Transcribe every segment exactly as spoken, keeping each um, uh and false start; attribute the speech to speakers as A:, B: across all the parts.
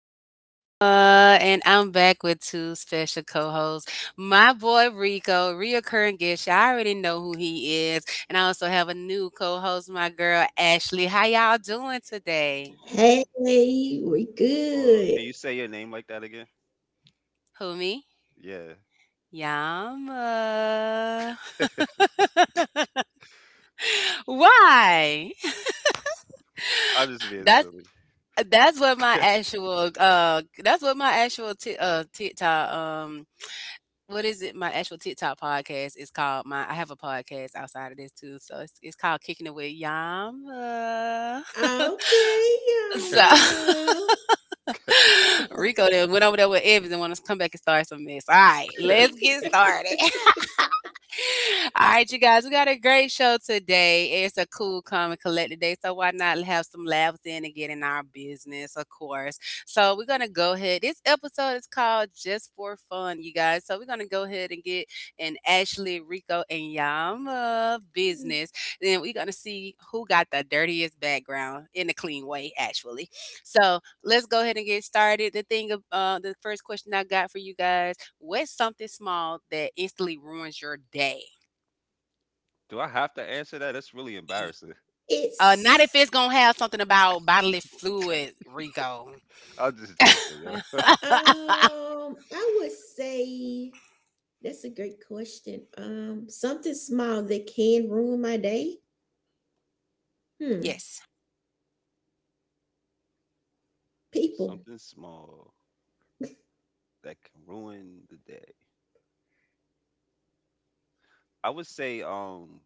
A: Yama, and I'm back with two special co-hosts. My boy Rico, reoccurring guest. Y'all already know who he is, and I also have a new co-host, my girl Ashley. How y'all doing today?
B: Hey, we
C: What's going on?
B: good.
C: Can you say your name like that again?
A: Who me?
C: Yeah.
A: Yama. Why?
C: I'm just being
A: That's
C: silly.
A: that's what my actual uh that's what my actual t- uh TikTok um What is it? My actual TikTok podcast is called my I have a podcast outside of this too, so it's it's called Kicking It With Yama.
B: Okay,
A: So,
B: y'all.
A: Rico then went over there with Evans and want us to come back and start some mess. All right, let's get started. All right, you guys, we got a great show today. It's a cool, calm, and collected day, so why not have some laughs in and get in our business, of course. So we're gonna go ahead. This episode is called "Just for Fun," you guys. So we're gonna go ahead and get in Ashley, Rico, and Yama business. Then we're gonna see who got the dirtiest background in a clean way, actually. So let's go ahead and get started. The thing, of- uh, the first question I got for you guys. What's something small that instantly ruins your day?
C: Do I have to answer that? That's really
A: E-
C: embarrassing.
A: Uh, not if
B: It's
A: it's gonna have something about bodily fluid, Rico.
C: I'm just joking, yo.
B: um, I would say that's a great question. Um, something small that can ruin my day. Hmm.
A: Yes.
B: People.
C: Something small that can ruin the day. I would say, um,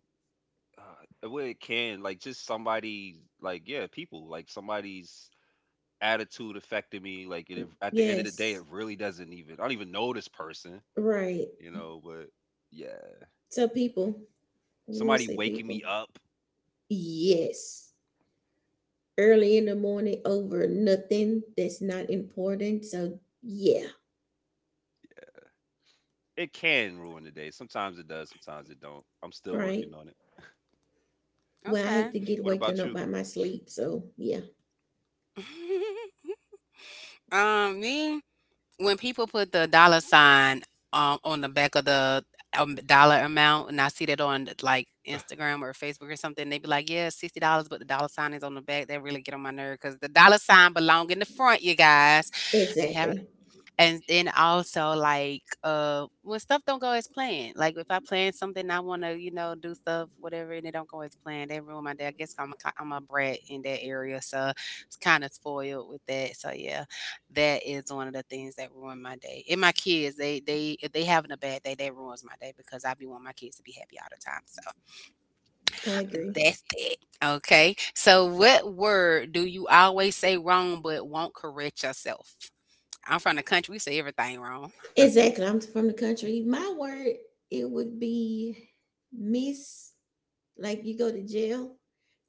C: uh, well, it can like just somebody, like yeah, people, like somebody's attitude affected me. Like it, at the end of the day, it
B: Yes.
C: really doesn't even. I don't even know this person,
B: Right.
C: you know. But yeah,
B: So people. We will
C: somebody
B: say
C: waking
B: people.
C: me up.
B: Yes. Early in the morning over nothing that's not important. So, yeah.
C: It can ruin the day. Sometimes it does, sometimes it don't. I'm still
B: Right.
C: working on it.
B: Well, I hate
A: Okay.
B: to get
C: What
B: woken
C: about
B: up
C: you?
B: by my sleep. So, yeah,
A: um, me, when people put the dollar sign um on the back of the um, dollar amount, and I see that on like Instagram or Facebook or something, they be like, "Yeah, sixty dollars," but the dollar sign is on the back. They really get on my nerve because the dollar sign belong in the front, you guys. They have.
B: exactly.
A: And then also like, uh, when stuff don't go as planned, like if I plan something, I wanna, you know, do stuff, whatever, and it don't go as planned, they ruin my day. I guess I'm a, ki- I'm a brat in that area, so it's kind of spoiled with that. So yeah, that is one of the things that ruin my day. And my kids, they they if they having a bad day, that ruins my day because I be wanting my kids to be happy all the time. So
B: I agree.
A: that's it. Okay. So what word do you always say wrong but won't correct yourself? I'm from the country. We say everything wrong.
B: Exactly. I'm from the country. My word, it would be miss, like you go to jail,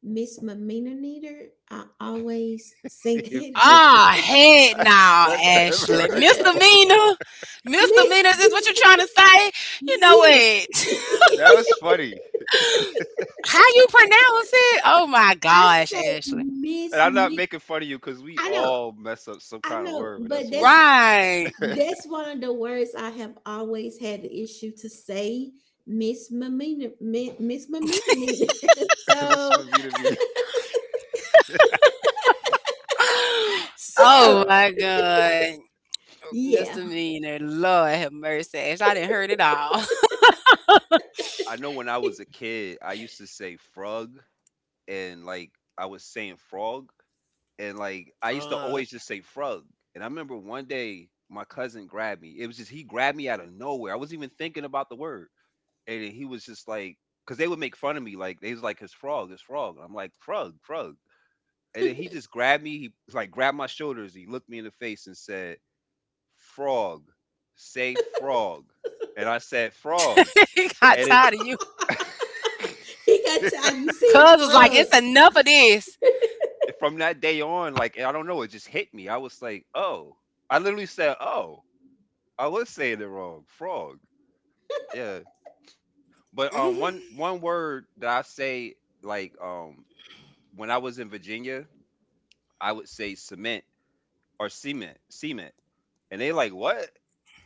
B: miss misdemeanor. I always say
C: Yeah.
B: that one.
C: Miss
A: Ah,
C: Mc-
A: head now,
C: I never
A: Ashley.
C: heard that one.
A: Misdemeanor. Misdemeanor
B: Miss,
A: is what you're trying to say? You know
B: yeah.
A: what?
C: That was funny.
A: How you pronounce it? Oh my
B: I
A: gosh,
B: say
A: Ashley.
C: And
B: miss,
C: I'm not
B: mi-
C: making fun of you because we
B: I know,
C: all mess up some
B: I
C: kind of
B: know,
C: word, but that's
B: but
C: funny.
B: that's
A: Right.
B: That's one of the words I have always had the issue to say, Miss Mamina, Mi- Miss Mamina. Nina.
C: Miss
B: so,
C: Mavita Vita.
A: Oh
B: so
A: my
C: Wow.
A: God.
B: yeah,
A: Misdemeanor. Lord have mercy, Ashley. I didn't heard it all.
C: I know when I was a kid, I used to say frog and like I was saying frog and like I used to
A: Frog.
C: always just say frog. And I remember one day my cousin grabbed me. It was just he grabbed me out of nowhere. I wasn't even thinking about the word. And he was just like, because they would make fun of me, like they was like, "His frog, his frog." I'm like, "Frog, frog," and then he just grabbed me. He like grabbed my shoulders. He looked me in the face and said, "Frog, say frog," and I said, "Frog,"
A: He got
C: and it,
A: tired of you.
B: he got tired. You see him
A: Cuz was like,
B: frog?
A: it's enough of this.
C: from that day on, like I don't know, it just hit me. I was like, "Oh," I literally said, "Oh," I was saying it wrong, frog. Yeah, but um, one
A: Mm-hmm.
C: one word that I say like um when I was in Virginia, I would say cement or cement, cement. And they like, what?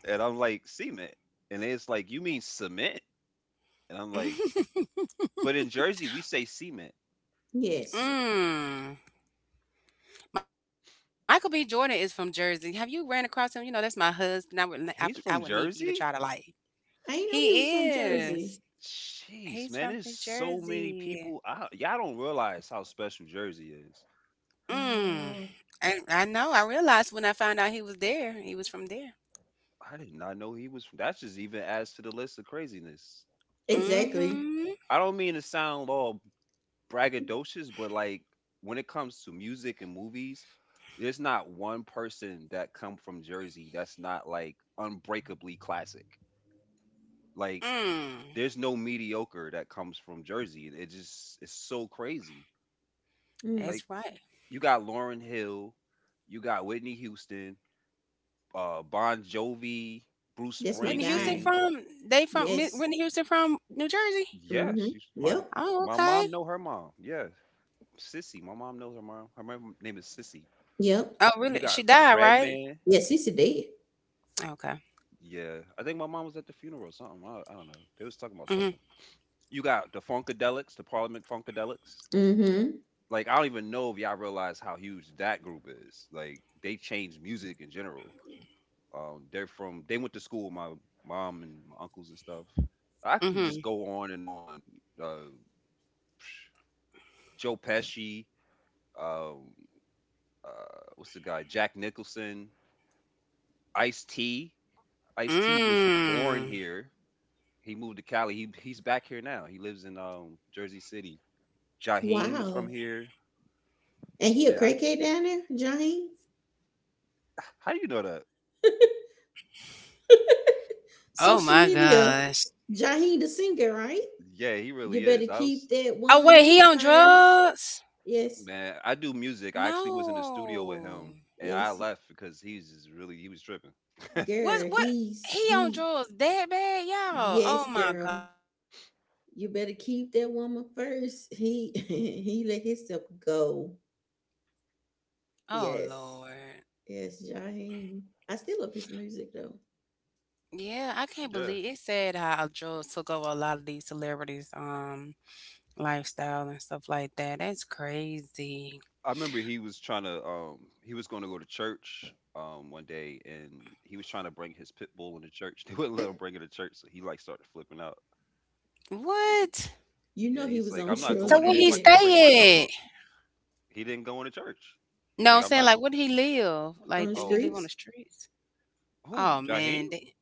C: And I'm like, cement. And it's like, you mean cement? And I'm like,
A: Mm-hmm.
C: but in Jersey, we say cement.
B: Yes,
A: Mm. Michael B. Jordan is from Jersey. Have you ran across him? You know, that's my husband. I would, n- I would, I would need for you
C: He's
A: to
C: from
A: try to like.
C: Jersey?
B: I
A: He
B: didn't know he was from
A: is.
B: Jersey.
A: He's from
C: Jeez,
A: New
C: man, there's so many
A: Jersey.
C: people. I, y'all don't realize how special Jersey is.
A: Mm.
B: Wow,
A: I, I know. I realized when I found out he was there. He was from there.
C: I did not know he was from. That's just even adds to the list of craziness.
B: exactly.
A: Mm-hmm.
C: I don't mean to sound all braggadocious, but like when it comes to music and movies, there's not one person that come from Jersey that's not like unbreakably classic. Like
A: Mm.
C: there's no mediocre that comes from Jersey. It just it's so crazy.
B: Mm,
C: Like
A: That's right.
C: you got Lauren Hill, you got Whitney Houston, uh Bon Jovi, Bruce
B: that's my
A: Whitney Houston
C: Springsteen.
B: guy.
A: from they from Mi-
B: Yes.
A: Whitney Houston from New Jersey.
C: Yeah,
B: Mm-hmm.
C: she's my
B: Yep.
A: Oh,
C: my
A: okay.
C: mom know her mom. Yeah. Sissy. My mom knows her mom. Her mom name is Sissy.
B: Yep.
A: Oh,
C: You
A: really?
C: got
A: She died, right?
C: Redman.
B: Yes, he's a dead.
A: Okay.
C: Yeah, I think my mom was at the funeral or something. I, I don't know. They was talking about
A: Mm-hmm.
C: something. You got the Funkadelics, the Parliament Funkadelics.
B: Mm-hmm.
C: Like I don't even know if y'all realize how huge that group is. Like they changed music in general. Um, they're from they went to school with my mom and my uncles and stuff. I can
A: Mm-hmm.
C: just go on and on. Uh, Joe Pesci, um, uh, what's the guy? Jack Nicholson, Ice T. Ice T was born
A: Mm.
C: here. He moved to Cali. He he's back here now. He lives in um Jersey City. Jaheim is from
B: Wow.
C: here.
B: And he a
C: Yeah.
B: crackhead down there, Jaheen?
C: I- How do you know that?
A: Oh
B: Social
A: my
B: media.
A: gosh.
B: Jaheen the singer, right?
C: Yeah, he
B: You
C: really
B: better
C: is. I
B: keep
C: was
B: that
A: Oh
B: one
A: wait, he
B: up
A: on
B: first.
A: drugs?
B: Yes,
C: man, I do music. I actually was in the studio with
A: No.
C: him and I
B: yes,
C: left because he's just really he was tripping.
A: What
B: girl.
A: what
B: He's
A: he on
B: he.
A: drugs that bad, y'all?
B: Yes,
A: Oh my god.
B: girl. You better keep that woman first. He he let himself go.
A: Oh
B: Yes,
A: Lord.
B: yes, Jaheim. I still love his music though.
A: Yeah, I can't
C: Yeah.
A: believe it said how drugs took over a lot of these celebrities' um lifestyle and stuff like that. That's crazy.
C: I remember he was trying to um he was gonna go to church um one day and he was trying to bring his pit bull into church. They wouldn't let him bring it to church, so he like started flipping out.
A: What?
B: You
C: Yeah,
B: know he
C: he's
B: was
C: like,
B: on
C: I'm not
B: Trill's
A: So
C: going in
A: where
C: there if
A: he
C: I
B: bed
C: can't bring my
A: stay
C: dog.
A: at?
C: He didn't go into church. He's
A: No,
C: like,
A: I'm
C: I'm
A: saying
C: not
A: like
C: go
A: where did he live?
B: on
A: Like
B: the
A: do he
C: oh
A: live on the
B: streets.
A: streets?
C: Who?
A: Oh
C: Jaheim?
A: man, they,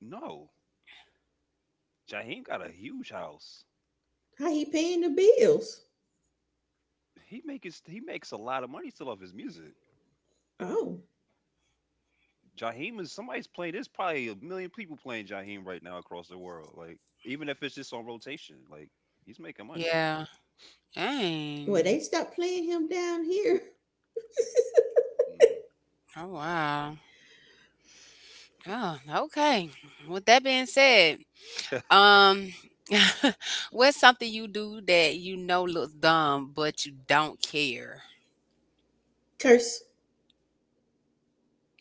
C: No. Jaheim got a huge house.
B: How he paying the bills?
C: He makes he makes a lot of money still off his music.
B: Oh,
C: Jaheim is somebody's playing. There's probably a million people playing Jaheim right now across the world. Like even if it's just on rotation, like he's making money.
A: yeah.
B: well
A: Dang.
B: they stopped playing him down here.
C: Mm.
A: Oh wow. Oh, okay. With that being said, um, what's something you do that you know looks dumb, but you don't care?
B: Curse.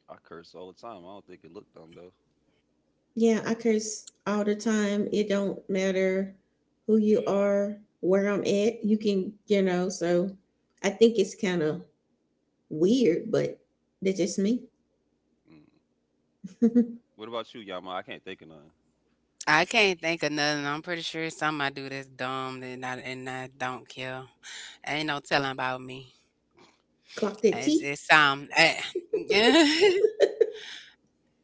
C: I curse all the time. I don't think it looked dumb though.
B: Yeah, I curse all the time. It don't matter who you are, where I'm at. You can, you know, so I think it's kind of weird, but that's just me.
C: Mm. What about you, Yama? I can't think of none.
A: I can't think of nothing. I'm pretty sure it's something I do that's dumb and I and I don't care. Ain't no telling about me.
B: Clock
A: It's
B: that
A: it's
B: T?
A: um eh, yeah.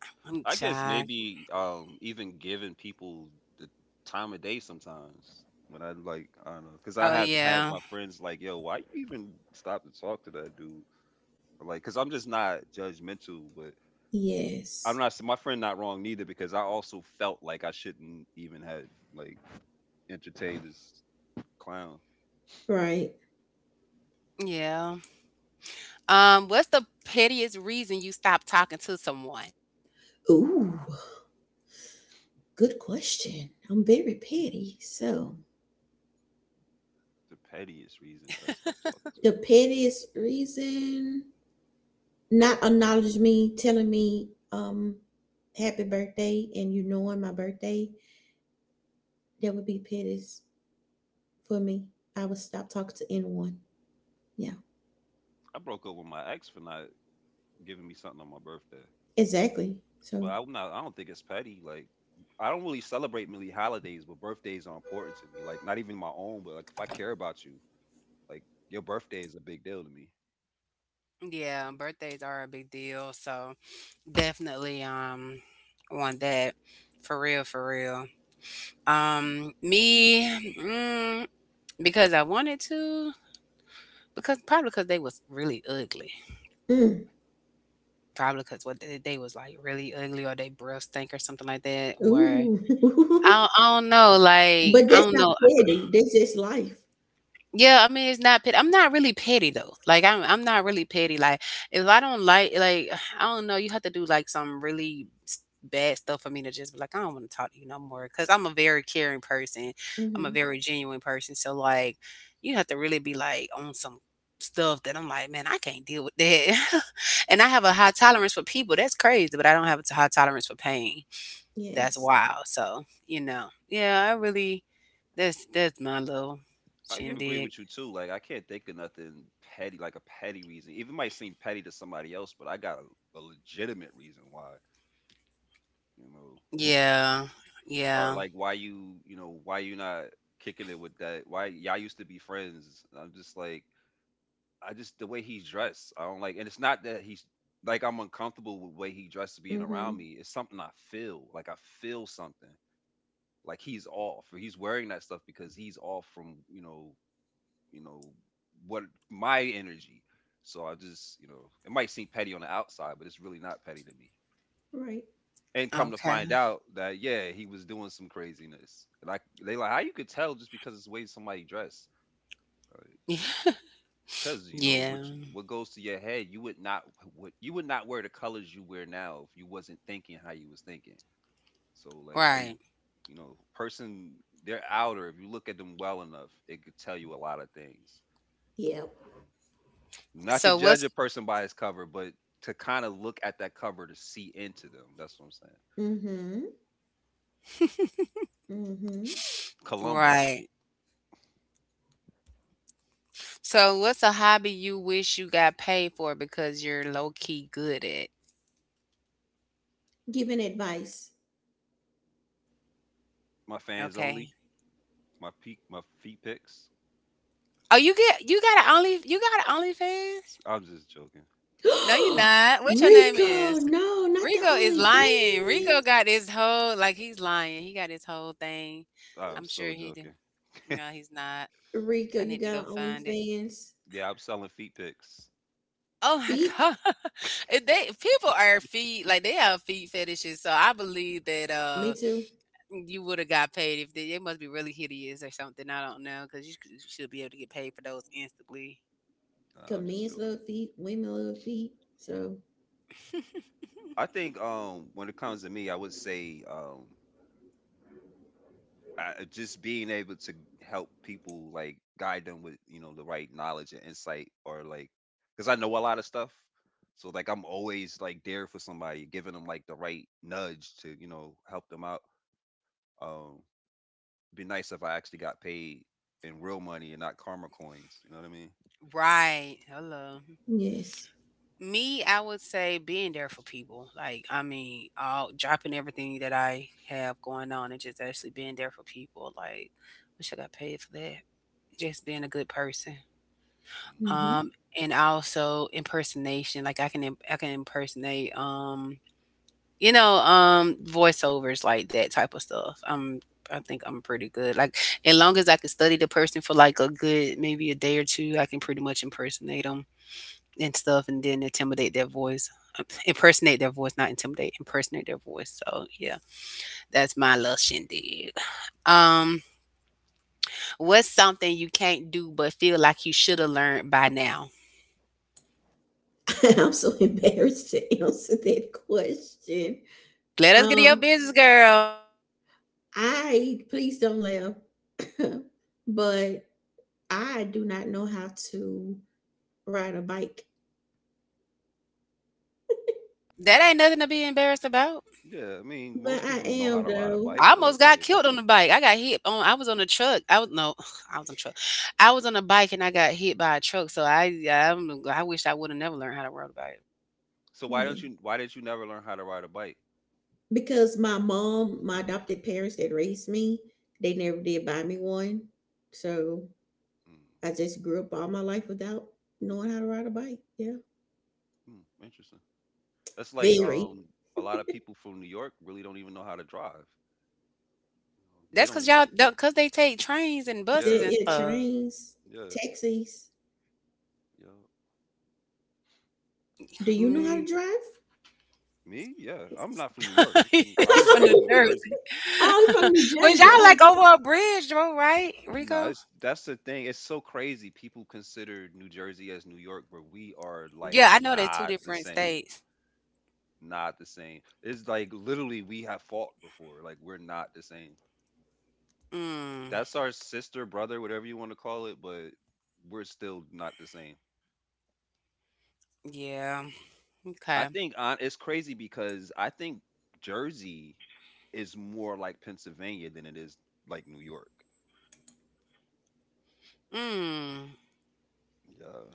A: I'm
C: I guess
A: child.
C: maybe um even giving people the time of day sometimes when I like I don't know because I
A: Oh
C: have had
A: yeah.
C: my friends like yo why you even stop to talk to that dude. Or, like because I'm just not judgmental but I'm
B: Yes.
C: not my friend not wrong neither because I also felt like I shouldn't even have like entertained this clown.
B: Right.
A: Yeah. Um, what's the pettiest reason you stopped talking to someone?
B: Ooh, good question. I'm very petty. So,
C: The pettiest reason that I stopped talking to
B: the
C: someone,
B: pettiest reason not acknowledge me, telling me um happy birthday and you knowing my birthday, that would be pettiest for me. I would stop talking to anyone. Yeah,
C: I broke up with my ex for not giving me something on my birthday.
B: exactly.
C: But
B: So,
C: I'm not. I don't think it's petty. Like I don't really celebrate many holidays, but birthdays are important to me. Like not even my own, but like if I care about you, like your birthday is a big deal to me.
A: Yeah, birthdays are a big deal, so definitely um want that for real, for real. Um, me, mm, because I wanted to, because probably because they was really ugly,
B: mm,
A: probably because what they, they was like really ugly or they breath stink or something like that, or
B: ooh,
A: I, don't- I don't know, like
B: but
A: I
B: that's
A: don't
B: not
A: know.
B: petty. That's just life.
A: Yeah, I mean, it's not petty. I'm not really petty though. Like I'm I'm not really petty. Like if I don't like like I don't know, you have to do like some really s- bad stuff for me to just be like, I don't want to talk to you no more cuz I'm a very caring person. I'm a
B: Mm-hmm.
A: very genuine person. So like you have to really be like on some stuff that I'm like, man, I can't deal with that. And I have a high tolerance for people. That's crazy, but I don't have a high tolerance for pain. That's
B: Yes.
A: wild. So, you know. Yeah, I really that's that's my little
C: I can agree
A: shindig.
C: with you too. Like I can't think of nothing petty, like a petty reason. Even might seem petty to somebody else, but I got a, a legitimate reason why, you know,
A: Yeah.
C: or
A: Yeah.
C: like why you, you know, why you not kicking it with that? Why y'all used to be friends? I'm just like, I just the way he's dressed. I don't like, and it's not that he's like I'm uncomfortable with the way he dressed being around
B: Mm-hmm.
C: me. It's something I feel. Like I feel something. Like he's off, or he's wearing that stuff because he's off from you know, you know what my energy. So I just you know, it might seem petty on the outside, but it's really not petty to me.
B: Right.
C: And come to
A: Okay.
C: find out that yeah, he was doing some craziness. Like they like how you could tell just because it's the way somebody dressed. Like, you
A: Yeah.
C: know. Cause you know
A: Yeah.
C: which what goes to your head, you would not what you would not wear the colors you wear now if you wasn't thinking how you was thinking. So like it,
A: Right.
C: you know, person their outer, if you look at them well enough, it could tell you a lot of things.
B: Yep.
C: Not to
A: So
C: judge
A: what's
C: a person by his cover, but to kind of look at that cover to see into them. That's what I'm saying.
B: Mm-hmm. Mm-hmm.
C: Columba,
A: right. So what's a hobby you wish you got paid for because you're low key good at?
B: Giving advice.
C: my fans only,
A: Okay.
C: my peak, my feet picks.
A: Oh, you get you got an only you got an OnlyFans?
C: I'm just joking.
A: No, you are not. What your name
B: Rico,
A: is?
B: no, not the
A: Rico is lying.
B: OnlyFans.
A: Rico got his whole like he's lying. He got his whole thing.
C: I'm
A: I'm sure
C: so
A: he do.
C: joking.
A: No, he's not.
B: Rico,
A: I
B: you
A: need to
B: got
A: go
B: an
A: find it.
B: OnlyFans.
C: Yeah, I'm selling feet picks.
A: Oh my
B: Feet.
A: god. It they people are feet like they have feet fetishes, so I believe that
B: Me
A: uh
B: too.
A: you would have got paid if they, they must be really hideous or something. I don't know because you, c- you should be able to get paid for those instantly.
C: Nah,
B: Cause
C: I'm just
B: men's
C: joking.
B: love feet, women love feet. So
C: I think um when it comes to me, I would say um I, I just being able to help people like guide them with you know the right knowledge and insight or like because I know a lot of stuff, so like I'm always like there for somebody, giving them like the right nudge to you know help them out. Um, be nice if I actually got paid in real money and not karma coins. You know what I mean?
A: Right. Hello.
B: yes.
A: Me, I would say being there for people. Like, I mean, all dropping everything that I have going on and just actually being there for people. Like, wish I got paid for that. Just being a good person.
C: Mhm.
B: Hmm.
A: um, and also impersonation. Like I can im- I can impersonate um, you know, um, voiceovers like that type of stuff. Um, I think I'm pretty good. Like as long as I can study the person for like a good maybe a day or two, I can pretty much impersonate them and stuff, and then intimidate their voice. Uh, Impersonate their voice, not intimidate. Impersonate their voice. So yeah, that's my little shindig. Um, what's something you can't do but feel like you should have learned by now?
B: I'm so embarrassed to answer that question.
A: Let us get to your
B: Um,
A: business, girl.
B: I please don't laugh, but I do not know how to ride a bike.
A: That ain't nothing to be embarrassed about.
C: Yeah, I mean most
B: But I
C: people know how
B: am
C: to ride a
B: though,
C: bike,
A: I
C: but
A: almost got
C: like
A: killed on the bike. I got hit on I was on a truck. I was no, I was on a truck. I was on a bike and I got hit by a truck. So I yeah, I'm, I wish I would have never learned how to ride a bike.
C: so why don't
B: yeah,
C: you why did you never learn how to ride a bike?
B: because my mom, my adopted parents that raised me, they never did buy me one, so
C: Mm.
B: I just grew up all my life without knowing how to ride a bike. Yeah,
C: Hmm, interesting. That's like
B: very.
C: um a lot of people from New York really don't even know how to drive. You know, they
A: That's cause
C: don't.
A: y'all don't cause they take trains and buses
B: The,
C: Yeah,
A: and
B: yeah,
A: stuff.
B: trains,
C: yeah,
B: taxis.
C: yeah.
B: Do you know how to
A: Mm.
B: drive?
C: Me? Yeah. I'm not from New York. I'm from. I
A: He
C: was
A: from New
C: raised in New Jersey.
A: Jersey.
B: Oh, you're from New
A: But
B: Jersey.
A: y'all
B: Oh,
A: like over a bridge bro. Right,
C: No,
A: Rico?
C: it's that's the thing. It's so crazy. People consider New Jersey as New York, but we are like
A: Yeah, I know they're two
C: not the
A: different
C: same.
A: states.
C: Not the same. It's like literally we have fought before. Like we're not the same.
A: Mm,
C: That's our sister, brother, whatever you want to call it, but we're still not the same.
A: yeah.
C: I
A: Okay.
C: think uh, it's crazy because I think Jersey is more like Pennsylvania than it is like New York.
A: Mm.
C: Yeah.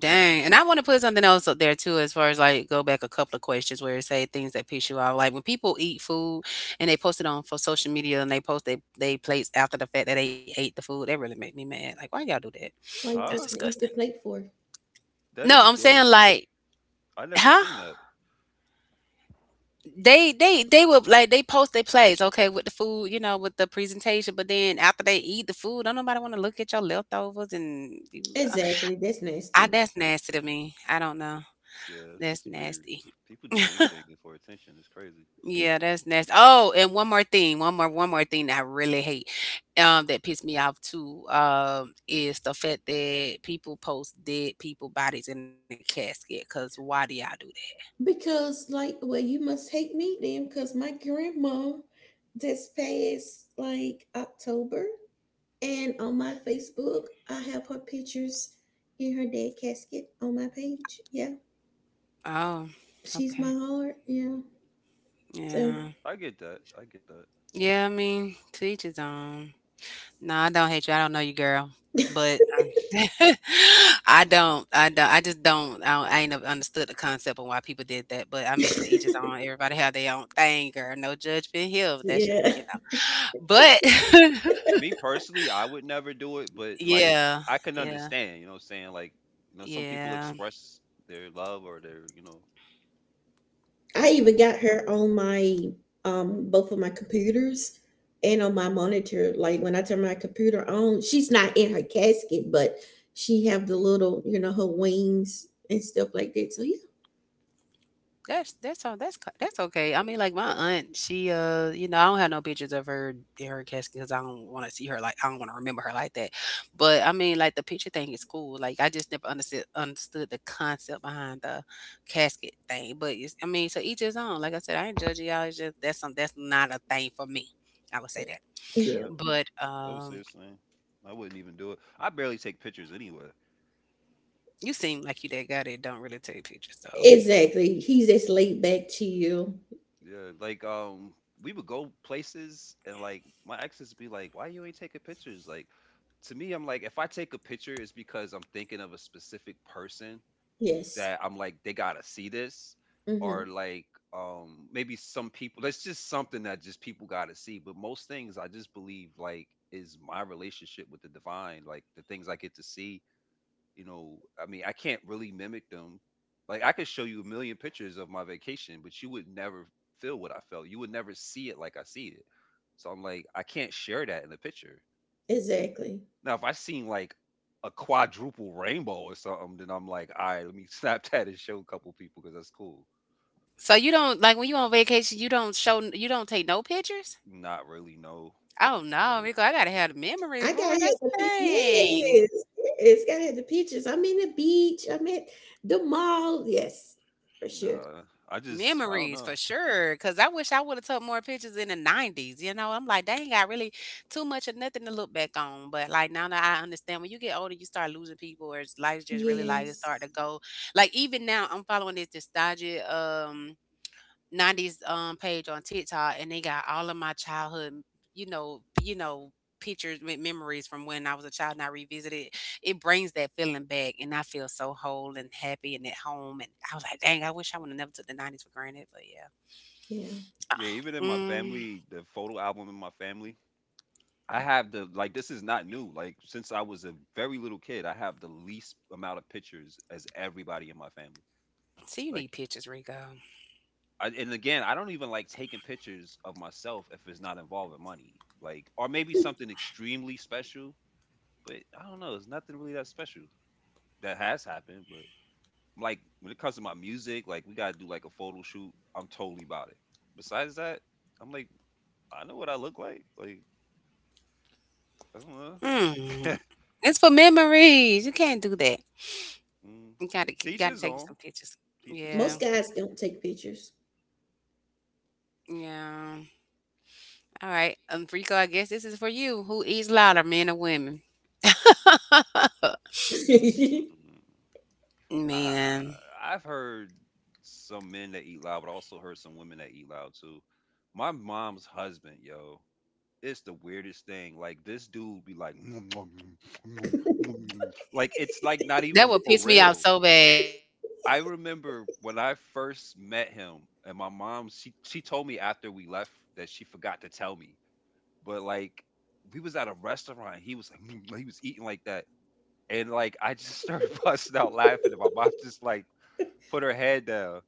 A: Dang, and I wanna put something else up there too as far as, like, go back a couple of questions where it say things that piss you off, like, when people eat food and they post it on for social media and they post they they plates after the fact that they ate the food, that really make me mad, like, "Why y'all do that?
B: why you
A: That's
C: Huh?
B: posting an
A: disgusting."
B: empty plate for?
C: That
A: No,
C: is
A: I'm saying,
C: gross.
A: like.
C: I never
A: Huh?
C: seen that.
A: They they they would like, they post their plates, okay, with the food, you know, with the presentation, but then after they eat the food, don't nobody wanna look at your leftovers and you, uh
B: Exactly. That's
A: I
B: nasty.
A: that's nasty to me. I don't know.
C: Yeah,
A: That's
C: it's weird.
A: nasty.
C: People do anything for attention. It's crazy.
A: Yeah, that's nasty. Oh, and one more thing, one more, one more thing that I really hate, um, that pissed me off too, um, is the fact that people post dead people bodies in the casket. Cause why do y'all do that?
B: Because, like, well, you must hate me then, because my grandma just passed like October, and on my Facebook, I have her pictures in her dead casket on my page. Yeah,
A: Oh,
B: she's
A: okay,
B: my heart. Yeah, so
A: yeah,
C: I get that. I get that.
A: yeah. I mean, to each his own. No, I don't hate you. I don't know you, girl. But um, I don't. I don't. I just don't. I, don't, I ain't never understood the concept of why people did that. But I mean, to each his own. Everybody have their own thing, girl. No judgment here. That's just
B: yeah,
A: you know. But
C: Me personally, I would never do it, but like
A: yeah,
C: I can
A: yeah,
C: understand, you know what I'm saying? Like, you know, some people
A: yeah.
C: express their love or their, you know,
B: I even got her on my um both of my computers and on my monitor. Like when I turn my computer on, she's not in her casket, but she have the little, you know, her wings and stuff like that. So yeah.
A: That's
C: mm,
A: that's all. That's co- that's okay. I mean, like my aunt, she uh, you know, I don't have no pictures of her in her casket because I don't want to see her like I don't want to remember her like that. But I mean, like the picture thing is cool. Like I just never understood understood the concept behind the casket thing. But it's, I mean, so each his own. Like I said, I ain't judging y'all. It's just that's some that's not a thing for me. I would say that.
B: Yeah,
C: yeah,
A: But
C: I would say
A: um,
C: the same. I wouldn't even do it. I barely take pictures anyway.
A: you seem like you that guy that don't really take pictures.
B: exactly. He's just laid back to you.
C: Yeah, like um, we would go places and like my exes be like, "Why you ain't taking pictures?" Like to me, I'm like, if I take a picture, it's because I'm thinking of a specific person
B: Yes.
C: that I'm like, they gotta see this,
B: Mm-hmm.
C: or like um, maybe some people. That's just something that just people gotta see. But most things, I just believe like is my relationship with the divine, like the things I get to see you know, I mean, I can't really mimic them. Like I could show you a million pictures of my vacation, but you would never feel what I felt. You would never see it like I see it. So I'm like, I can't share that in the picture.
B: Exactly.
C: Now, if I seen like a quadruple rainbow or something, then I'm like, all right, let me snap that and show a couple people because that's cool.
A: So you don't like when you on vacation, you don't show you don't take no pictures?
C: Not really, no,
A: Oh no,
C: no,
A: Rico, I gotta have the memories,
B: I got
A: boy.
B: had
A: That's
B: the
A: the
B: pe-
A: thing.
B: yes, yes, got had the pictures. I'm in the beach. I'm at the mall. Yes, for sure.
C: nah. I just, I don't
A: Memories
C: know.
A: for sure. Cause I wish I would have took more pictures in the nineties. You know, I'm like, dang, I really too much of nothing to look back on. But like now that I understand when you get older, you start losing people or it's life's just really like it start to
B: Yes,
A: go. Like even now I'm following this nostalgia um nineties um page on TikTok and they got all of my childhood, you know, you know, pictures with memories from when I was a child and I revisit it. It brings that feeling back and I feel so whole and happy and at home and I was like, dang, I wish I would have never took the nineties for granted, but yeah.
B: yeah.
C: Yeah, even
A: Uh,
C: in my
A: Mm,
C: family, the photo album in my family, I have the like this is not new. Like since I was a very little kid, I have the least amount of pictures as everybody in my family.
A: See, you
C: Like
A: need pictures, Rico.
C: I, and again, I don't even like taking pictures of myself if it's not involving money. Like or maybe something extremely special, but I don't know, it's nothing really that special that has happened, but like when it comes to my music, like we got to do like a photo shoot, I'm totally about it. Besides that, I'm like I know what I look like. Like I don't
A: Mm.
C: know.
A: It's for memories. You can't do that.
C: Mm.
A: You gotta
C: Teach
A: gotta
C: his
A: take
C: own.
A: some pictures.
C: Teach his
A: Yeah.
C: own.
B: Most guys don't take pictures.
A: Yeah. All right. Um Rico, I guess this is for you. Who eats louder, men or women?
B: Yes,
C: Mm. I
A: Man,
C: I've heard some men that eat loud, but I also heard some women that eat loud too. My mom's husband, yo, it's the weirdest thing. Like this dude be like, "Nom, nom, nom, nom, nom, nom," like it's like not
A: that
C: even
A: would
C: for
A: piss me off
C: real.
A: so bad.
C: I remember when I first met him, and my mom she she told me after we left that she forgot to tell me, but like we was at a restaurant, he was like, "Nom," like, he was eating like that, and like I just started busting out laughing, and my mom just like put her head down.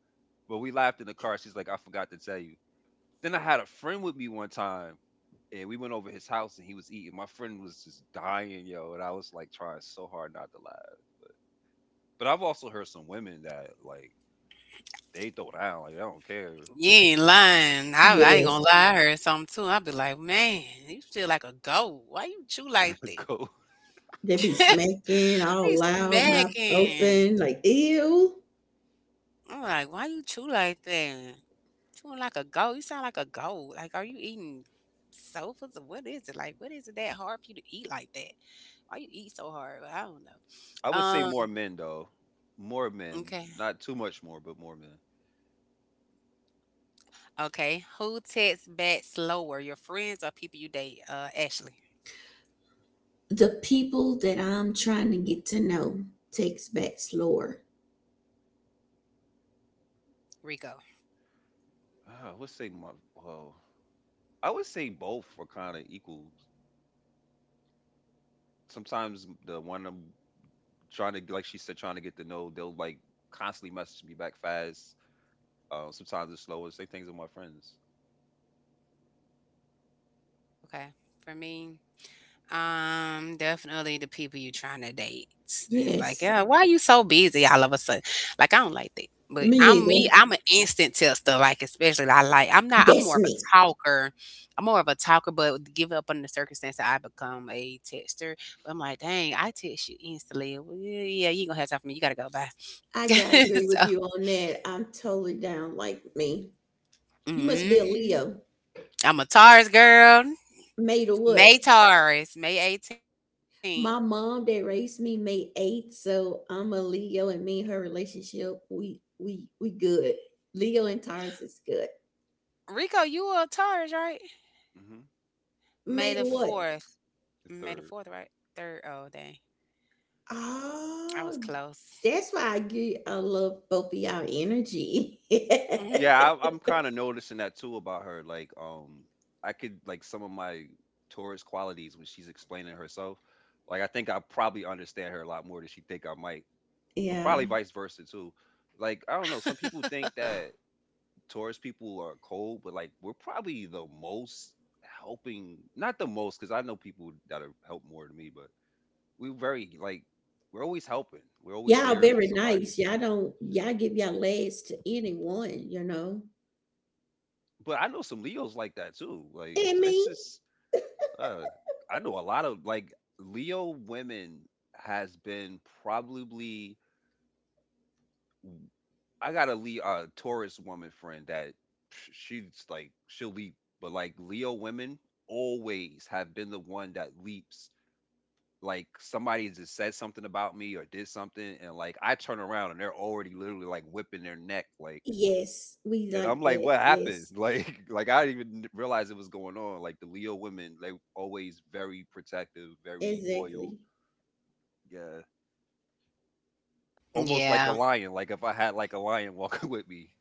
C: But we laughed in the car. She's like, I forgot to tell you. Then I had a friend with me one time, and we went over his house, and he was eating. My friend was just dying, yo, and I was like trying so hard not to laugh. But I've also heard some women that like they throw down, like I don't care.
A: You ain't lying. I, I ain't
B: they
A: gonna lie. I heard something too. I'd be like, man, you feel like a goat. Why you chew like that?
C: Go.
B: be smacking
A: Be
B: all loud, mouth
A: smacking.
B: open, like ew.
A: I'm like, why you chew like that? Chewing like a goat. You sound like a goat. Like, are you eating sofas or what is it? Like, what is it that hard for you to eat like that? Why you eat so hard? Well, I don't know.
C: I would say more
A: Um,
C: men though, more
A: okay.
C: men, not too much more, but more men.
A: Okay. Who texts back slower, your friends or people you date? Uh, Ashley,
B: The people that I'm trying to get to know takes back slower.
A: Rico.
C: Uh, I would say my well, I would say both were kind of equal. Sometimes the one of 'em trying to like she said, trying to get to know. They'll like constantly message me back fast. Uh, sometimes it's slower. Same things with my friends.
A: Okay. For me, um, definitely the people you trying to date. It's like,
B: Yes,
A: yeah, why you so busy all of a sudden? Like, I don't like that. But
B: me
A: I'm
B: either.
A: me. I'm an instant texter. Like, especially I like. I'm not. I'm more
B: That's
A: of a
B: me.
A: talker. I'm more of a talker. But give up on the circumstance that I become a texter. But I'm like, dang, I text you instantly. Well, yeah, yeah, you ain't gonna have time for me. You gotta go. Bye.
B: I gotta agree with
A: so.
B: you on that. I'm totally down like me. You must be a
A: Mhm.
B: Leo.
A: I'm a Taurus girl.
B: Made of
A: May
B: what?
A: Taurus, May eighteenth.
B: My mom that raised me May eighth, so I'm a Leo and me and her relationship, we we we good. Leo and Taurus is good.
A: Rico, you a Taurus, right?
C: Hmm.
A: May
B: Made
A: the
B: of what?
A: fourth.
C: The
A: May the
C: third.
A: fourth, right? third. Oh, dang.
C: Yeah,
A: I was
B: Oh,
A: close.
B: that's why I get I love both of y'all energy.
A: Mhm.
C: yeah, I, I'm kind of noticing that too about her. Like, um, I could like some of my Taurus qualities when she's explaining herself. Like, I think I probably understand her a lot more than she think I might, but probably
B: Yeah.
C: vice versa too. Like, I don't know. Some people think that Taurus people are cold, but like we're probably the most helping, not the most, because I know people that are help more than me, but we're very like we're always helping. We're always
B: Y'all
C: there for
B: very
C: somebody.
B: nice. Y'all don't y'all give y'all legs to anyone, you know.
C: But I know some Leos like that too. Like
B: And
C: so
B: me.
C: it's just uh I know a lot of like Leo women has been probably I got a Leo uh, Taurus woman friend that sh- she's like she'll leap, but like Leo women always have been the one that leaps like somebody just said something about me or did something and like I turn around and they're already literally like whipping their neck like
B: Yes, we
C: and I'm
B: like
C: like
B: that.
C: what happened
B: Yes,
C: like like I didn't even realize it was going on like the Leo women they always very protective, very loyal.
B: exactly.
C: Yeah, almost like a
A: Yeah.
C: lion, like if I had like a lion walking with me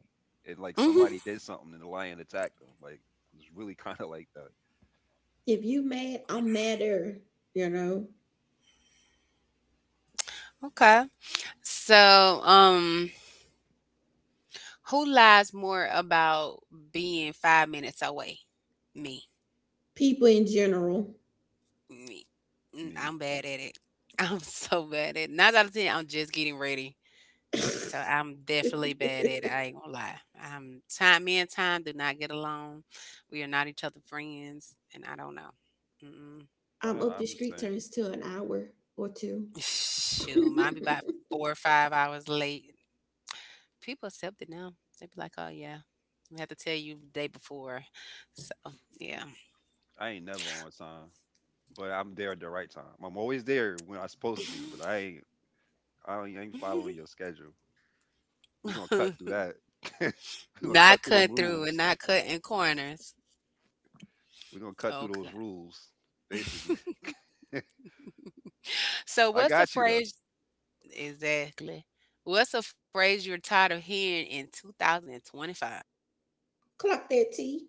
C: and like somebody
A: Hmm.
C: did something and the lion attacked them, like it's really kind of like that.
B: If you mad, I'm madder, you know.
A: Okay. So, um, who lies more about being five minutes away? Me.
B: People in general.
A: Me. Mm,
C: Me,
A: I'm bad at it. I'm so bad at it. Nine out of ten, I'm just getting ready. So I'm definitely bad at it. I ain't gonna lie. Um, time, me and time do not get along. We are not each other friends, and I don't know. Mm-mm.
B: I'm up
C: I,
B: the
C: I'm just
B: street
C: saying
B: turns to an hour or two.
A: Shoot, mine be about four or five hours late. People accept it now. They be like, "Oh yeah, we have to tell you the day before." So yeah,
C: I ain't never on time but I'm there at the right time. I'm always there when I'm supposed to be, but I ain't I ain't I ain't following your schedule. We're gonna cut through that. We're gonna
A: not
C: cut through them
A: cut through and
C: rules.
A: not cutting corners.
C: We're gonna cut through those
A: Okay.
C: rules, basically.
A: So
C: I
A: what's a
C: got you though.
A: phrase exactly? What's a phrase you're tired of hearing in two thousand twenty-five?
B: Clock that T.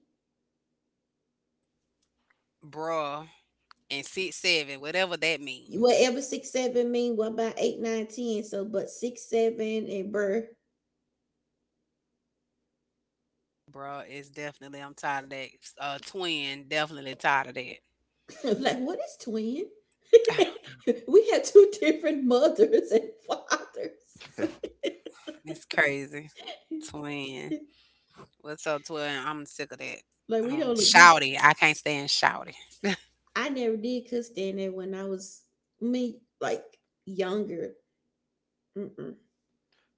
A: Bruh, and six seven, whatever that means.
B: Whatever six seven mean, what about eight, nine, ten? So but six seven and bruh.
A: Bruh is definitely I'm tired of that. Uh twin, definitely tired of that.
B: Like what is twin?
A: I don't
B: We have two different mothers and fathers.
A: It's crazy. Twin. What's up, twin? I'm sick of that.
B: Like we
A: Um
B: don't look nothing.
A: shouty. I can't stand shouty.
B: I never did cuss stand there when I was me, like younger. Mm-mm.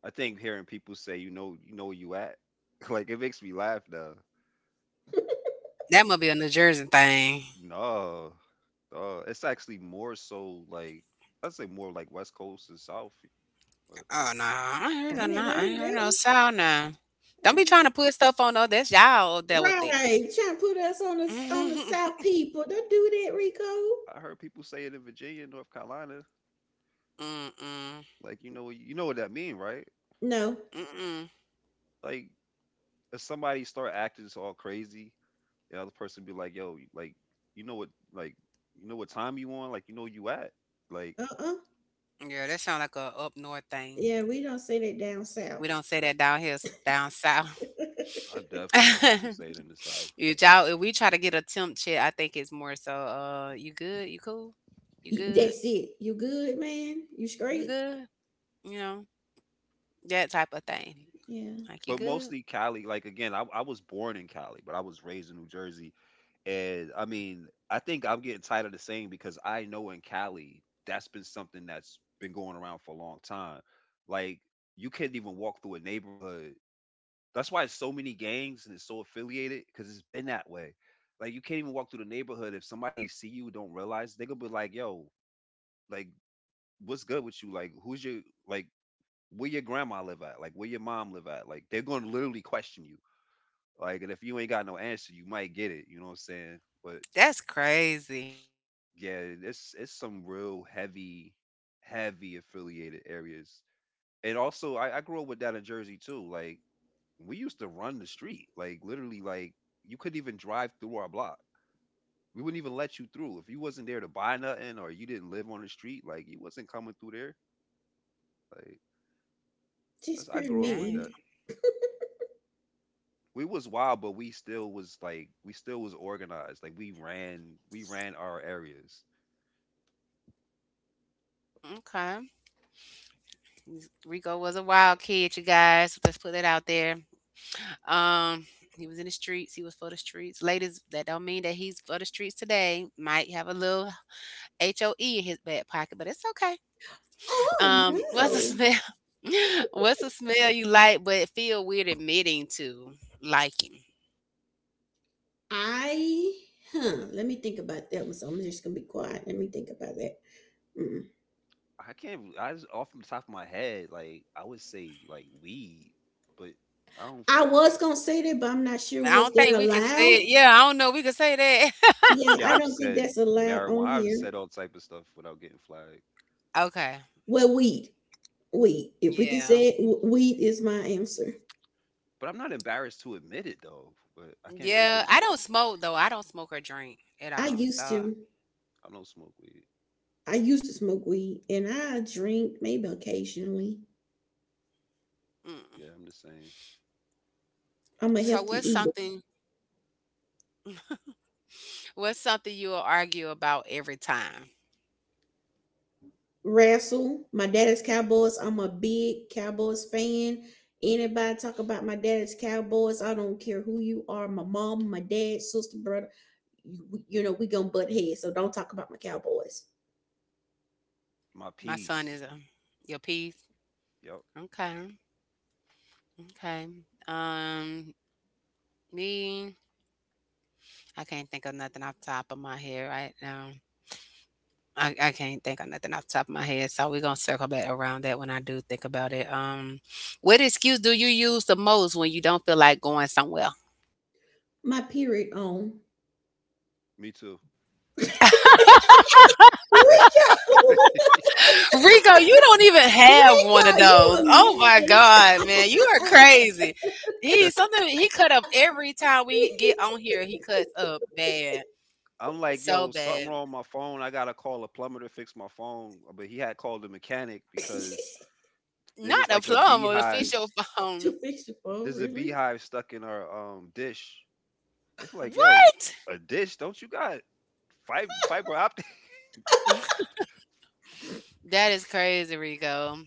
C: I think hearing people say you know you know where you at, like it makes me laugh though.
A: That must be a New Jersey thing.
C: No, uh, it's actually more so like I'd say more like West Coast and South. But
A: Oh no, I ain't heard
B: I
A: no,
B: ain't never
A: no, I
B: heard
A: ain't
B: of
A: heard
B: that
A: no
B: one.
A: sound now. Don't be
B: Yeah.
A: trying to put stuff on though. That's y'all up there with
B: Right,
A: that.
B: trying to put us on the on the South people. Don't do that, Rico.
C: I heard people say it in Virginia, North Carolina.
A: Mm-mm.
C: Like you know you know what that mean, right?
B: No.
A: Mm-mm.
C: Like if somebody start acting all crazy, the other person be like, "Yo, like you know what, like you know what time you on, like you know where you at." Like
B: Uh-uh.
A: Yeah, that sound like a up north thing.
B: Yeah, we don't say that down
A: We
B: south.
A: don't say that down here, s- down south.
C: I've definitely heard people say it in the South,
A: If y'all, if we try to get a temp check, I think it's more so, uh, you good? You cool? You
B: Y-
A: good?
B: That's it. You good, man? You
A: You
B: straight?
A: good? You know, that type of thing.
B: Yeah.
A: Like, you
C: but
A: good?
C: mostly Cali. Like again, I, I was born in Cali, but I was raised in New Jersey, and I mean, I think I'm getting tired of the saying because I know in Cali that's been something that's been going around for a long time. Like you can't even walk through a neighborhood. That's why it's so many gangs and it's so affiliated because it's been that way. Like you can't even walk through the neighborhood if somebody see you and don't realize they gonna be like, "Yo, like what's good with you? Like who's your like where your grandma live at? Like where your mom live at?" Like they're gonna literally question you. Like and if you ain't got no answer, you might get it. You know what I'm saying? But
A: That's crazy.
C: yeah, it's it's some real heavy, heavy affiliated areas. And also, I, I grew up with that in Jersey too. Like we used to run the street like literally like you couldn't even drive through our block, we wouldn't even let you through if you wasn't there to buy nothing or you didn't live on the street, like you wasn't coming through there like that's,
B: Just
C: I
B: pure
C: grew up with
A: Dang.
C: that.
B: mean.
C: We was wild but we still was like we still was organized, like we ran we ran our areas.
A: Okay. Rico was a wild kid, you guys. Let's put that out there. Um, he was in the streets. He was for the streets. Ladies, that don't mean that he's for the streets today. Might have a little HOE in his back pocket, but it's okay.
B: Oh
A: Um, what's the
B: no.
A: smell? What's the smell you like but feel weird admitting to liking?
B: I huh. Let me think about that one. So I'm just gonna be quiet. Let me think about that. Mm.
C: I can't I just off the top of my head like I would say like weed, but I don't.
B: I was gonna say that, but I'm not sure
A: I
B: was
A: don't
B: that
A: think we could say
B: allowed.
A: it. Yeah, I don't know. We could say that.
B: Yeah,
C: Yeah,
B: I
C: I've
B: don't think
C: said
B: that's allowed
C: marijuana,
B: on
C: I've said
B: here.
C: all type of stuff without getting flagged.
A: Okay.
B: Well, weed, weed. If we can
A: Yeah.
B: say it, w- weed is my answer.
C: But I'm not embarrassed to admit it though. But I can't think of.
A: Yeah. I don't smoke though. I don't smoke or drink at
B: I
A: all.
B: used
A: So,
B: to.
C: I don't smoke weed.
B: I used to smoke weed and I drink maybe occasionally.
A: mm.
C: Yeah, I'm just saying.
B: I'm
A: So
B: a
A: what's
B: healthy eater.
A: something? What's something you'll argue about every time?
B: Wrestle. My daddy's Cowboys. I'm a big Cowboys fan. Anybody talk about my daddy's Cowboys, I don't care who you are, my mom, my dad, sister, brother, you, you know, we gonna butt heads, so don't talk about my Cowboys.
C: My
A: My son is
C: piece.
A: a your piece.
C: Yep.
A: Okay. Okay. Um, me. I can't think of nothing off the top of my head right now. I I can't think of nothing off the top of my head, so we're gonna circle back around that when I do think about it. Um, what excuse do you use the most when you don't feel like going somewhere?
B: My period on.
C: Me too.
B: Rico!
A: Rico, you don't even have
B: Rico,
A: one of
B: you
A: those. Oh my
B: a
A: God, man, you are
B: mess.
A: crazy. He something he cut up every time we get on here. He cuts up bad,
C: I'm like,
A: so
C: yo, something
A: bad.
C: wrong with my phone. I gotta call a plumber to fix my phone. But he had called the mechanic because there
A: Not
C: was
A: a
C: like a
A: plum or the fish
C: beehive.
A: your
B: To
A: phone.
B: fix your phone,
C: There's a
B: really?
C: beehive stuck in our um dish. They feel like, yo,
A: What?
C: a dish? Don't you got fiber fiber optic?
A: That is crazy, Rico.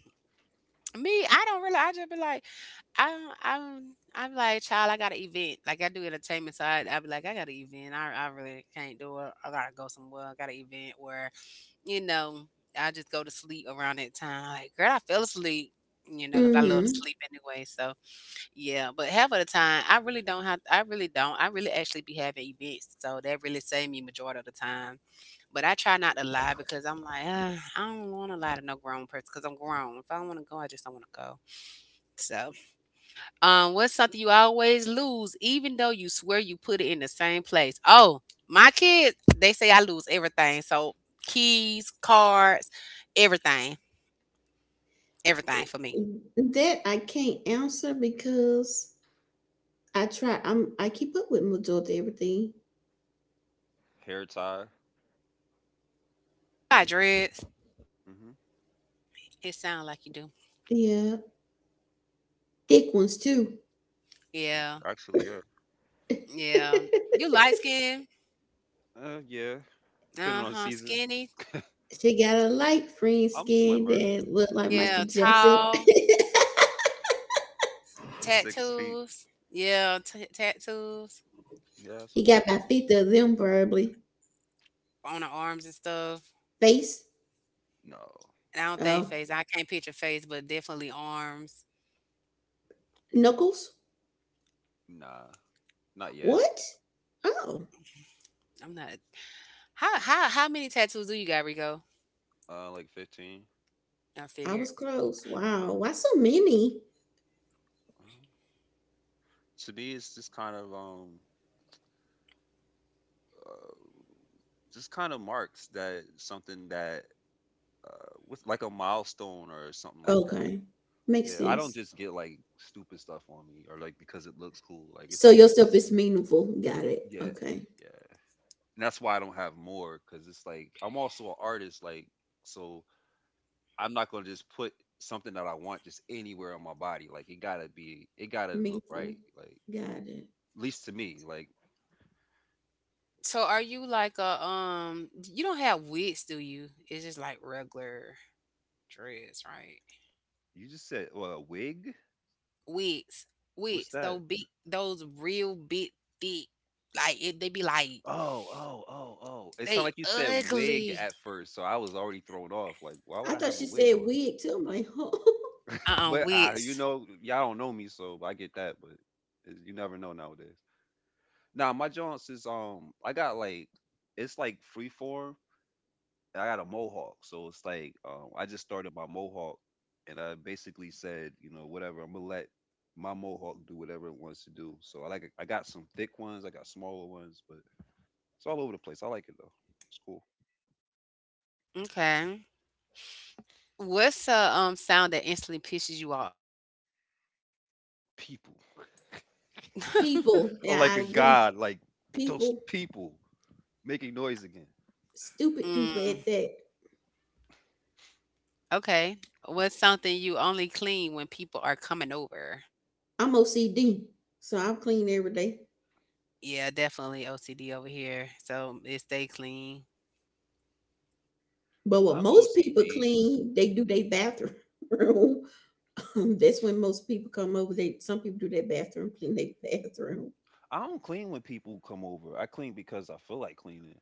A: Me, I don't really. I just be like. I'm I'm I'm like, "Child, I got an event." Like, I do entertainment, so I I'll be like, "I got an event. I I really can't do it. I gotta go somewhere. I got an event where, you know, I just go to sleep around that time." Like, girl, I fell asleep, you know, cause I love to
B: Mm-hmm.
A: sleep anyway, so, yeah. But half of the time, I really don't have I really don't. I really actually be having events, so that really save me majority of the time. But I try not to lie because I'm like, "Ah, I don't wanna lie to no grown person. Because 'cause I'm grown. If I don't wanna go, I just don't wanna go." So um, what's something you always lose, even though you swear you put it in the same place? Oh, my kids, they say I lose everything. So keys, cards, everything, everything for me.
B: That I can't answer because I try. I'm I keep up with majority everything.
C: Hair tie.
A: I dreads.
C: Hmm.
A: It sounds like you do.
B: Yeah, thick ones too.
A: Yeah,
C: Actually, yeah.
A: yeah. You light skin,
C: Uh, yeah. Depending
A: uh
C: on the
A: huh,
C: season.
A: skinny.
B: She got a light green
C: I'm
B: skin
C: slimmer.
B: that look like Michael
A: Yeah,
B: Jackson.
A: tall,
C: Six feet.
A: tattoos. Yeah, t- tattoos
C: Yeah,
B: He got about
C: subtitles.
B: fifty of them probably.
A: on the arms and stuff.
B: Face,
C: No,
A: And I don't think
B: oh,
A: face. I can't picture face, but definitely arms.
B: knuckles.
C: nah, not yet.
B: What? Oh,
A: I'm not How how how many tattoos do you got, Rico?
C: Uh, like fifteen.
A: I
B: I
A: figured.
B: was close. Wow, why so many?
C: Um, to me, it's just kind of um, uh, just kind of marks that something that uh, with like a milestone or something like that.
B: Okay, makes
C: Yeah, I don't
B: sense.
C: just get like stupid stuff on me or like because it looks cool. Like
B: So
C: it's
B: your stuff
C: always
B: is meaningful. Got it.
C: yeah,
B: Okay,
C: yeah, and that's why I don't have more because it's like I'm also an artist. Like so, I'm not gonna just put something that I want just anywhere on my body. Like it gotta be, it gotta look
B: meaningful.
C: right. Like
B: Got it.
C: at least to me. Like
A: So are you like a um you don't have wigs, do you? It's just like regular dreads, right?
C: you just said, well, a wig.
A: Wigs.
C: What's
A: Wigs.
C: that?
A: Those big those real big thick. Like it, they be like
C: Oh, oh, oh, oh. It sounded
A: they
C: like you said wig
A: ugly.
C: at first, so I was already thrown off. Like, why would
B: I
C: I
B: thought
C: have
B: she
C: a wig
B: said
C: on?
B: wig too. I'm like,
A: Uh-uh,
C: But uh, you
A: wigs.
C: know, y'all don't know me, so I get that. But it- you never know nowadays. Now my joints is um, I got like it's like freeform, I got a mohawk, so it's like um, I just started my mohawk, and I basically said, you know, whatever, I'm gonna let my mohawk do whatever it wants to do. So I like, I got some thick ones, I got smaller ones, but it's all over the place. I like it though. It's cool.
A: Okay. What's a um sound that instantly pisses you off?
C: People
B: people.
C: are
B: Yeah,
C: like
B: I
C: a
B: agree.
C: god, like those
B: People,
C: people making noise again.
B: stupid people
A: Mm,
B: at that.
A: okay. What's something you only clean when people are coming over?
B: I'm O C D, so I'm clean every day.
A: Yeah, definitely O C D over here. So it stay clean.
B: But
C: I'm
B: what
C: not
B: most people
C: O C D, but
B: clean, they do their bathroom. Um, That's when most people come over. They Some people do their bathroom, clean their bathroom.
C: I don't clean when people come over. I clean because I feel like cleaning.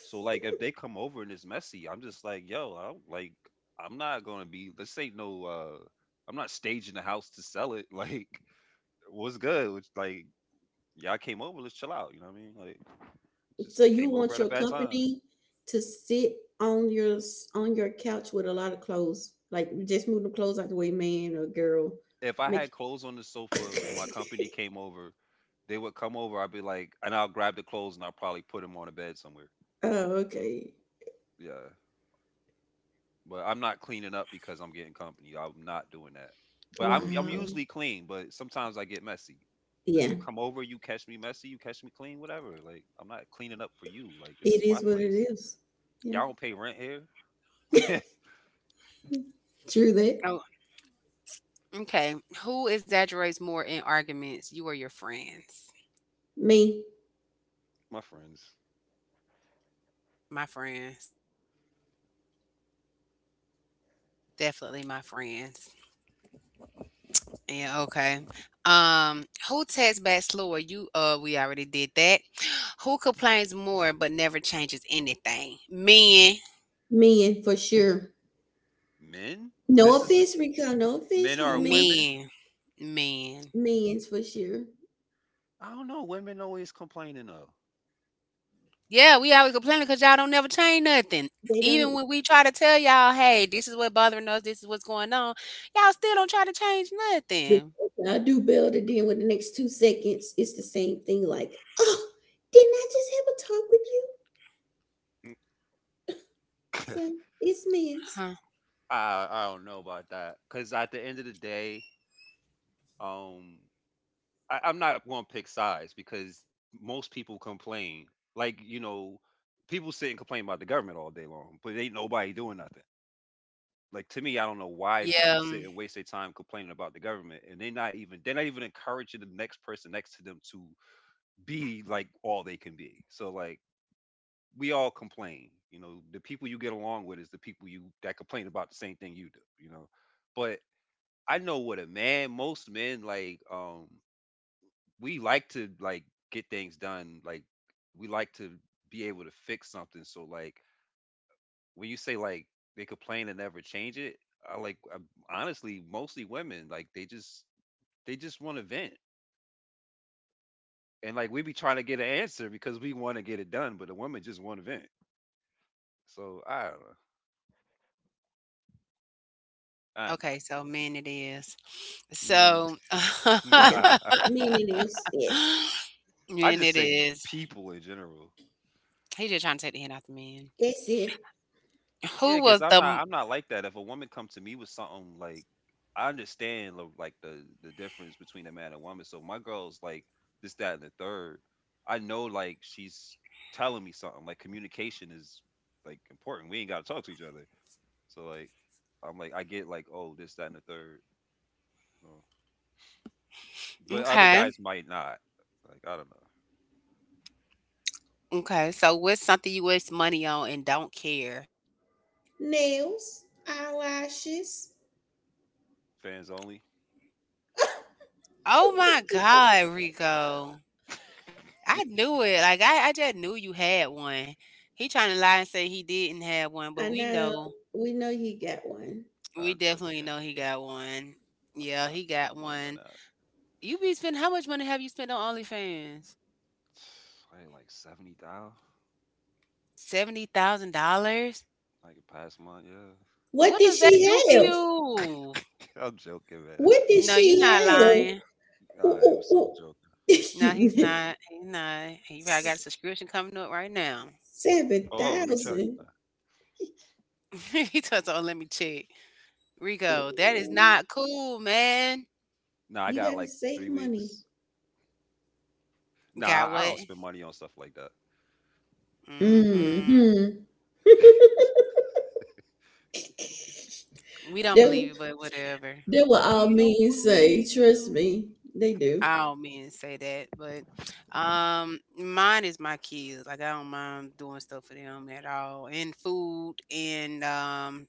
C: So like if they come over and it's messy, I'm just like, yo, I don't, like I'm not gonna be. This ain't no. uh I'm not staging the house to sell it. Like what's good? Which like y'all came over, let's chill out. You know what I mean? Like just
B: So you
C: came over
B: want
C: at a
B: your
C: bad time.
B: company to sit on your on your couch with a lot of clothes, like just move the clothes out the way, man or girl.
C: If I
B: Make
C: had clothes on the sofa when my company came over, they would come over. I'd be like, and I'll grab the clothes and I'll probably put them on a bed somewhere.
B: Oh, okay.
C: Yeah, but I'm not cleaning up because I'm getting company. I'm not doing that. But I'm I'm
B: Wow.
C: usually clean, but sometimes I get messy. If
B: Yeah,
C: you come over, you catch me messy, you catch me clean, whatever. Like I'm not cleaning up for you. Like this
B: it
C: is my
B: is what it
C: place.
B: is. Yeah,
C: Y'all don't pay rent here.
B: true that.
A: Oh, okay. Who exaggerates more in arguments, you or your friends?
B: Me,
C: my friends.
A: My friends. Definitely my friends. Yeah, okay. Um, who texts back slower? You uh we already did that. Who complains more but never changes anything? Men,
B: men for sure.
C: Men?
B: No
C: This is
B: offense, Rico. No offense,
C: men or
B: homie.
C: women?
A: men, men.
B: Men's for sure.
C: I don't know. Women always complaining though.
A: Yeah, we always complaining because y'all don't never change nothing.
B: They
A: Even
B: don't.
A: when we try to tell y'all, hey, this is what bothering us, this is what's going on, y'all still don't try to change nothing.
B: I do better than with the next two seconds. It's the same thing. Like, oh, didn't I just have a talk with you? So it's men's.
A: Huh.
C: I I don't know about that. Cause at the end of the day, um, I, I'm not going to pick sides because most people complain. Like you know, people sit and complain about the government all day long, but ain't nobody doing nothing. Like to me, I don't know why
A: Yeah.
C: people sit
A: um,
C: and waste their time complaining about the government, and they're not even they're not even encouraging the next person next to them to be like all they can be. So like we all complain, you know. The people you get along with is the people you that complain about the same thing you do, you know. But I know what a man, most men like. Um we like to like get things done. Like we like to be able to fix something. So like when you say like they complain and never change it, I like i honestly mostly women like they just they just want to vent. And like we be trying to get an answer because we want to get it done, but the women just want to vent. So I don't know. I don't
A: Okay, so men it is.
C: know. Mm,
A: So
B: Yeah,
C: nah,
B: men it is. Yes,
C: I
A: men
C: just
A: it
C: say
A: is.
C: people in general.
A: He just trying to take the hand out the man.
B: that's it.
C: Yeah,
A: Who
C: because
A: was
C: I'm
A: the
C: not
A: m-
C: I'm not like that. If a woman come to me with something like I understand lo- like the the difference between a man and woman. So my girl's like this, that, and the third. I know like she's telling me something. Like communication is like important. We ain't gotta talk to each other. So like I'm like I get like, oh, this, that, and the third. Uh, But other
A: okay?
C: guys might not. Like, I don't know.
A: Okay, so what's something you waste money on and don't care?
B: Nails, eyelashes.
C: Fans only.
A: Oh my God, Rico. I knew it. Like, I I just knew you had one. He trying to lie and say he didn't have one, but
B: I
A: we
B: know.
A: know.
B: We know you got one.
C: Nah, I'm
A: We
C: joking.
A: definitely know he got one.
C: I would not
A: Yeah,
C: be
A: he
C: spending
A: got
C: money on
A: one.
C: that.
A: You be spending how much money have you spent on OnlyFans?
C: I had like seventy thousand
A: seventy thousand dollars?
C: like past month, yeah.
B: What
A: What
B: did
A: does that
B: she
A: do for
B: have?
A: you?
C: I'm joking, man.
B: What did
A: No, you're
B: she
A: not
B: have?
A: lying.
C: I
B: Ooh,
C: am so
B: ooh,
C: joking.
A: No, he's
B: ooh.
A: not. He's not. He probably got a subscription coming up right now.
B: Seven
C: Oh, let me check.
B: thousand.
A: he told us, oh, let me check. Rico, that is not cool, man.
C: No, I
B: You
C: got like
B: gotta
C: three
B: save money.
C: weeks. Nah,
A: Got
C: I I
A: what?
C: don't spend money on stuff like that.
B: Mm
A: Mm-hmm.
B: hmm
A: We don't believe
B: that
A: it, but whatever.
B: that what all
C: We don't
B: men say.
C: believe
B: Trust
C: you.
B: me, they do.
A: All men say that, but um, mine is my kids. Like I don't mind doing stuff for them at all, and food and um,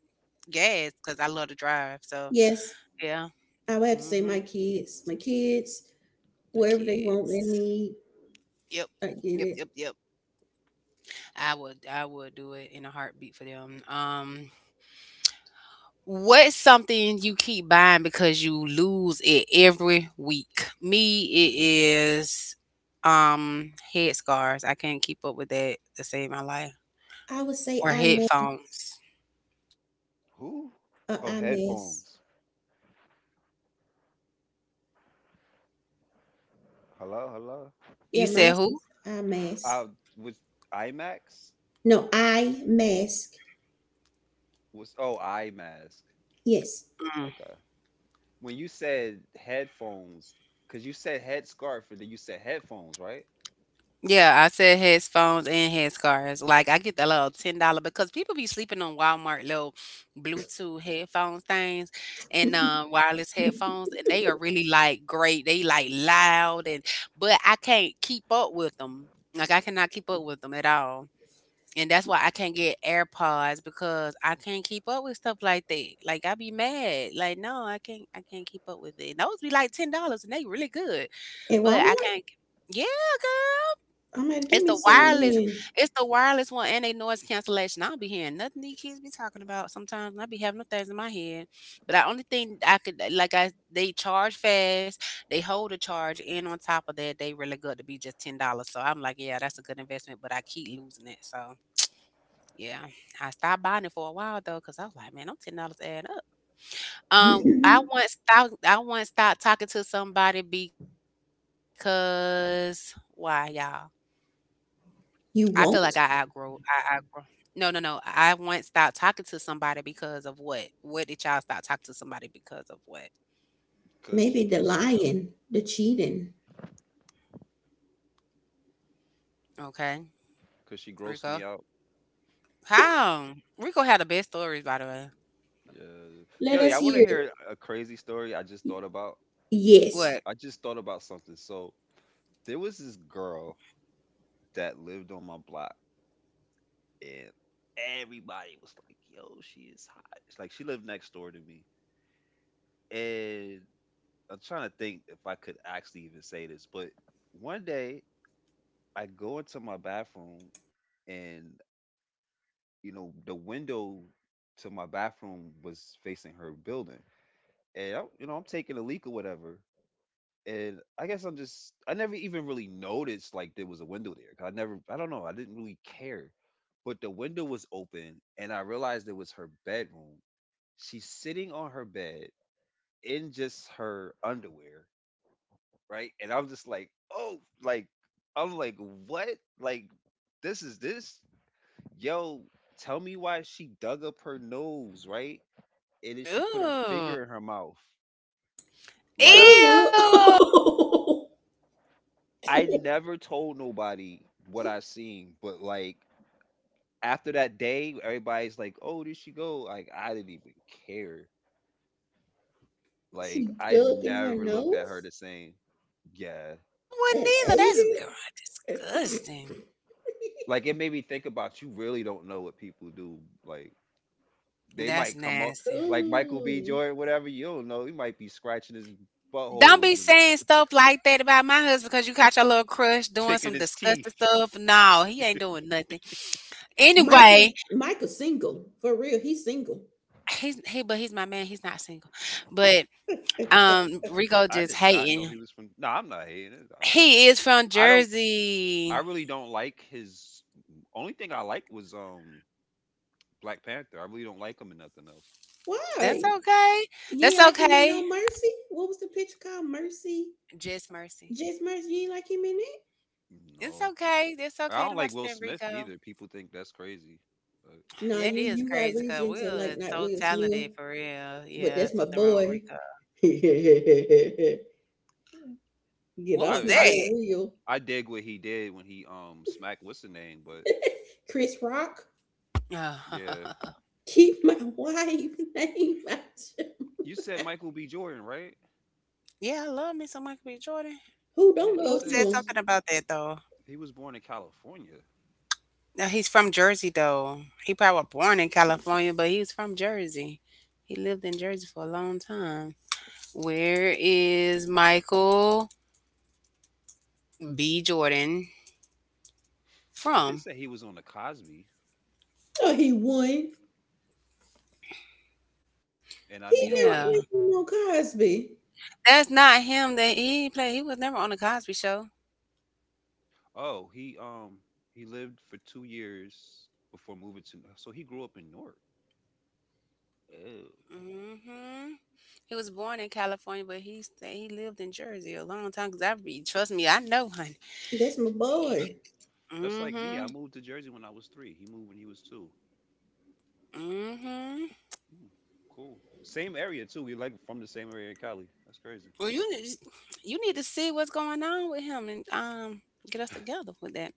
A: gas because I love to drive. So
B: Yes,
A: yeah,
B: I would have to say
A: mm-hmm.
B: my kids, my kids,
A: My
B: whatever they want, they
A: kids.
B: need.
A: Yep,
B: I get
A: yep,
B: it.
A: yep, yep. I would, I would do it in a heartbeat for them. Um, What's something you keep buying because you lose it every week? Me, it is um head scarves. I can't keep up with that to save my life.
B: I would say
A: Or
B: I mess.
A: headphones.
C: Who?
B: Uh,
C: Oh,
B: I mess.
C: headphones. Hello, hello.
A: You
B: Yeah, my
A: said who?
B: sister, I mess.
C: Uh, was IMAX?
B: No, eye mask.
C: Was oh iMask?
B: Yes.
C: Okay. When you said headphones, cause you said head scarf, and then you said headphones, right?
A: Yeah, I said headphones and head scarves. Like I get the little ten dollar because people be sleeping on Walmart little Bluetooth headphones things and um wireless headphones and they are really like great. They like loud and but I can't keep up with them. Like I cannot keep up with them at all. And that's why I can't get AirPods because I can't keep up with stuff like that. Like I be mad. Like no, I can't I can't keep up with it. And those be like ten dollars and they really good.
B: At
A: But I
B: Walmart?
A: can't, yeah,
B: I'm gonna give
A: it's
B: me
A: the
B: some
A: wireless,
B: then.
A: it's the wireless one and they noise cancellation. I'll be hearing nothing these kids be talking about sometimes. And I be having them things in my head. But the only thing I could like I they charge fast, they hold a charge, and on top of that, they really good to be just ten dollars. So I'm like, yeah, that's a good investment, but I keep losing it. So yeah. I stopped buying it for a while though, because I was like, man, I'm ten dollars add up. Um I once stopped I once stopped talking to somebody because why y'all? I feel like I
B: You
A: outgrow
B: won't?
A: I outgrow. No, no, no. I once stopped talking to somebody because of what? What did y'all stop talking to somebody because of what?
C: Cause
B: Maybe
C: she
B: the
C: grossed me out.
B: lying, the cheating.
A: Okay,
C: Cause she grossed
A: Rico.
C: me out.
A: How? Rico had the best stories, by the way.
C: Yeah.
B: Let
C: Yo, yeah.
B: us
C: I want to
B: hear it.
C: hear a crazy story I just thought about.
B: Yes.
A: What?
C: I just thought about something. So there was this girl that lived on my block, and everybody was like, "Yo, she is hot." It's like she lived next door to me, and I'm trying to think if I could actually even say this, but one day I go into my bathroom, and you know the window to my bathroom was facing her building, and I, you know I'm taking a leak or whatever, and I guess I'm just I never even really noticed like there was a window there. 'Cause I never I don't know, I didn't really care. But the window was open and I realized it was her bedroom. She's sitting on her bed in just her underwear, right? And I'm just like, "Oh, like I'm like, "What? Like this is this? Yo, tell me why she dug up her nose, right?" And then she put her
A: Ooh.
C: finger in her mouth. Like
A: Ew.
B: Ooh.
C: I never told nobody what I seen, but like after that day, everybody's like, "Oh, did she go?" Like I didn't even care. Like
B: She
C: I
B: dug in her
C: never looked at her
B: nose
C: the same. Yeah.
A: I
B: and
A: wouldn't either.
B: ate
A: That's God,
B: it.
A: disgusting.
C: Like it made me think about you really don't know what people do. Like they
A: That's
C: might come up
A: nasty.
C: like Michael B.
B: Ooh.
C: Jordan, whatever, you don't know. He might be scratching his
A: Don't
C: butthole
A: be
C: and then
A: saying stuff like that about my husband because you caught your little crush doing
C: picking
A: some
C: his
A: disgusting
C: teeth.
A: stuff. No, he ain't doing nothing.
B: Micah,
A: Anyway,
B: Micah single for real. He's single.
A: he's he but he's my man, he's not single. But, um, Rico
C: I
A: just
C: did not know
A: hating.
C: he was from No, I'm not hating it. I'm
A: He is from
C: I don't I
A: Jersey.
C: really don't like his only thing I like was um Black Panther. I really don't like him and nothing else.
A: That's
B: Why?
A: okay.
B: You
A: That's
B: ain't like him in
A: okay.
B: no mercy. What was the picture called? Mercy,
A: Just mercy.
B: just mercy. You ain't like him in it.
A: It's
C: No.
A: okay. That's
C: I
A: okay.
C: don't like
A: Nobody
C: Will
A: stand
C: Smith
A: Rico.
C: neither. People think that's crazy. But
B: No,
A: That
B: you
A: is
B: you got
A: crazy because
B: reason to
A: Will
B: like
A: is
B: not
A: so
B: Will Smith,
A: talented for real.
B: but
A: Yeah,
B: that's my
A: something wrong with
B: boy.
A: Rico.
B: Get
A: What
B: off
A: was
C: I
B: my
C: I
B: boy
A: that?
B: Will.
C: I dig what he did when he um smacked what's the name, but
B: Chris Rock.
C: yeah.
B: Keep my wife name out. your-
C: You said Michael B. Jordan, right?
A: Yeah, I love me some Michael B. Jordan.
B: Who
C: Yeah,
B: don't
C: it
A: Who
B: love
A: said
C: says
B: him?
A: something about that though?
C: he was born in California.
A: Now he's from Jersey though. He probably born in California, but he's from Jersey. He lived in Jersey for a long time. Where is Michael B. Jordan
C: It did
A: from?
C: say he was on the Cosby,
B: No, he won. He
C: and I mean a
B: never
C: lot
A: Yeah,
C: of
B: played with no Cosby.
A: that's not him. That he played. He was never on the Cosby Show.
C: oh he um he lived for two years before moving to so he grew up in Newark. Oh,
A: Hmm. He was born in California, but he sta he lived in Jersey a long time. Cause I be trust me, I know, honey.
B: That's my boy.
C: that's like me. I
A: Hmm.
C: moved to Jersey when I was three. He moved when he was two.
A: Hmm.
C: Mm, cool. Same area too. We like from the same area, in Cali. That's crazy.
A: Well, you need you need to see what's going on with him and um get us together with that.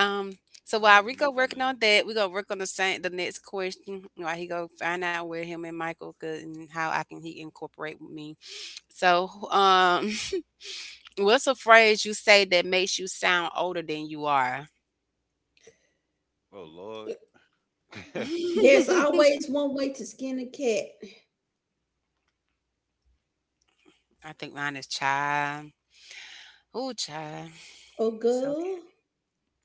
A: Um, so
C: I
A: while
C: never
A: we
C: met
A: go
C: that
A: working
C: man.
A: on that, we gonna work on the same the next question while he go find out where him and Michael could and how I can he incorporate with me. So um, what's a phrase you say that makes you sound older than you are?
C: Oh Lord.
B: There's always one way to skin a cat.
A: I think mine is child. Ooh, child.
B: Oh,
A: It's okay.
B: girl.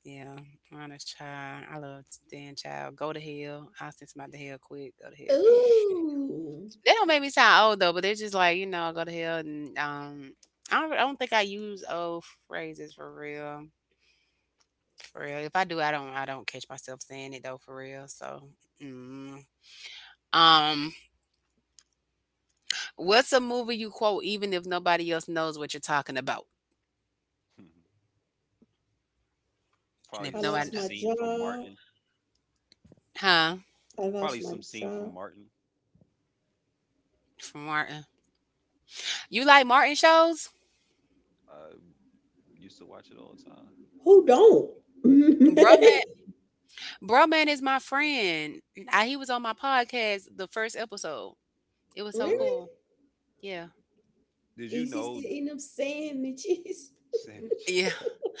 A: Yeah, mine is child. I love Dan Child. Go to hell. I'll send somebody to hell quick. Go to hell.
B: Ooh.
A: They don't make me sound old though, but they're just like, you know, go to hell and um I don't I don't think I use old phrases for real. For real. If I do, I don't I don't catch myself saying it though for real. So mm. um what's a movie you quote even if nobody else knows what you're talking about? And
C: Probably
B: I
A: if
C: just
B: lost
A: nobody
C: some
A: kno-
B: my
C: scene from
B: job.
C: Martin.
A: huh?
B: I lost
C: Probably
B: my
C: some scene from
B: job.
C: Martin.
A: From Martin. You like Martin shows?
C: I used to watch it all the time.
B: Who don't?
A: Bro man Bro man is my friend. I, he was on my podcast the first episode. It was so
C: Really?
B: Really?
A: cool. Yeah.
C: Did you
B: He's just
C: know th-
B: eating them sandwiches.
C: Sandwich?
A: Yeah.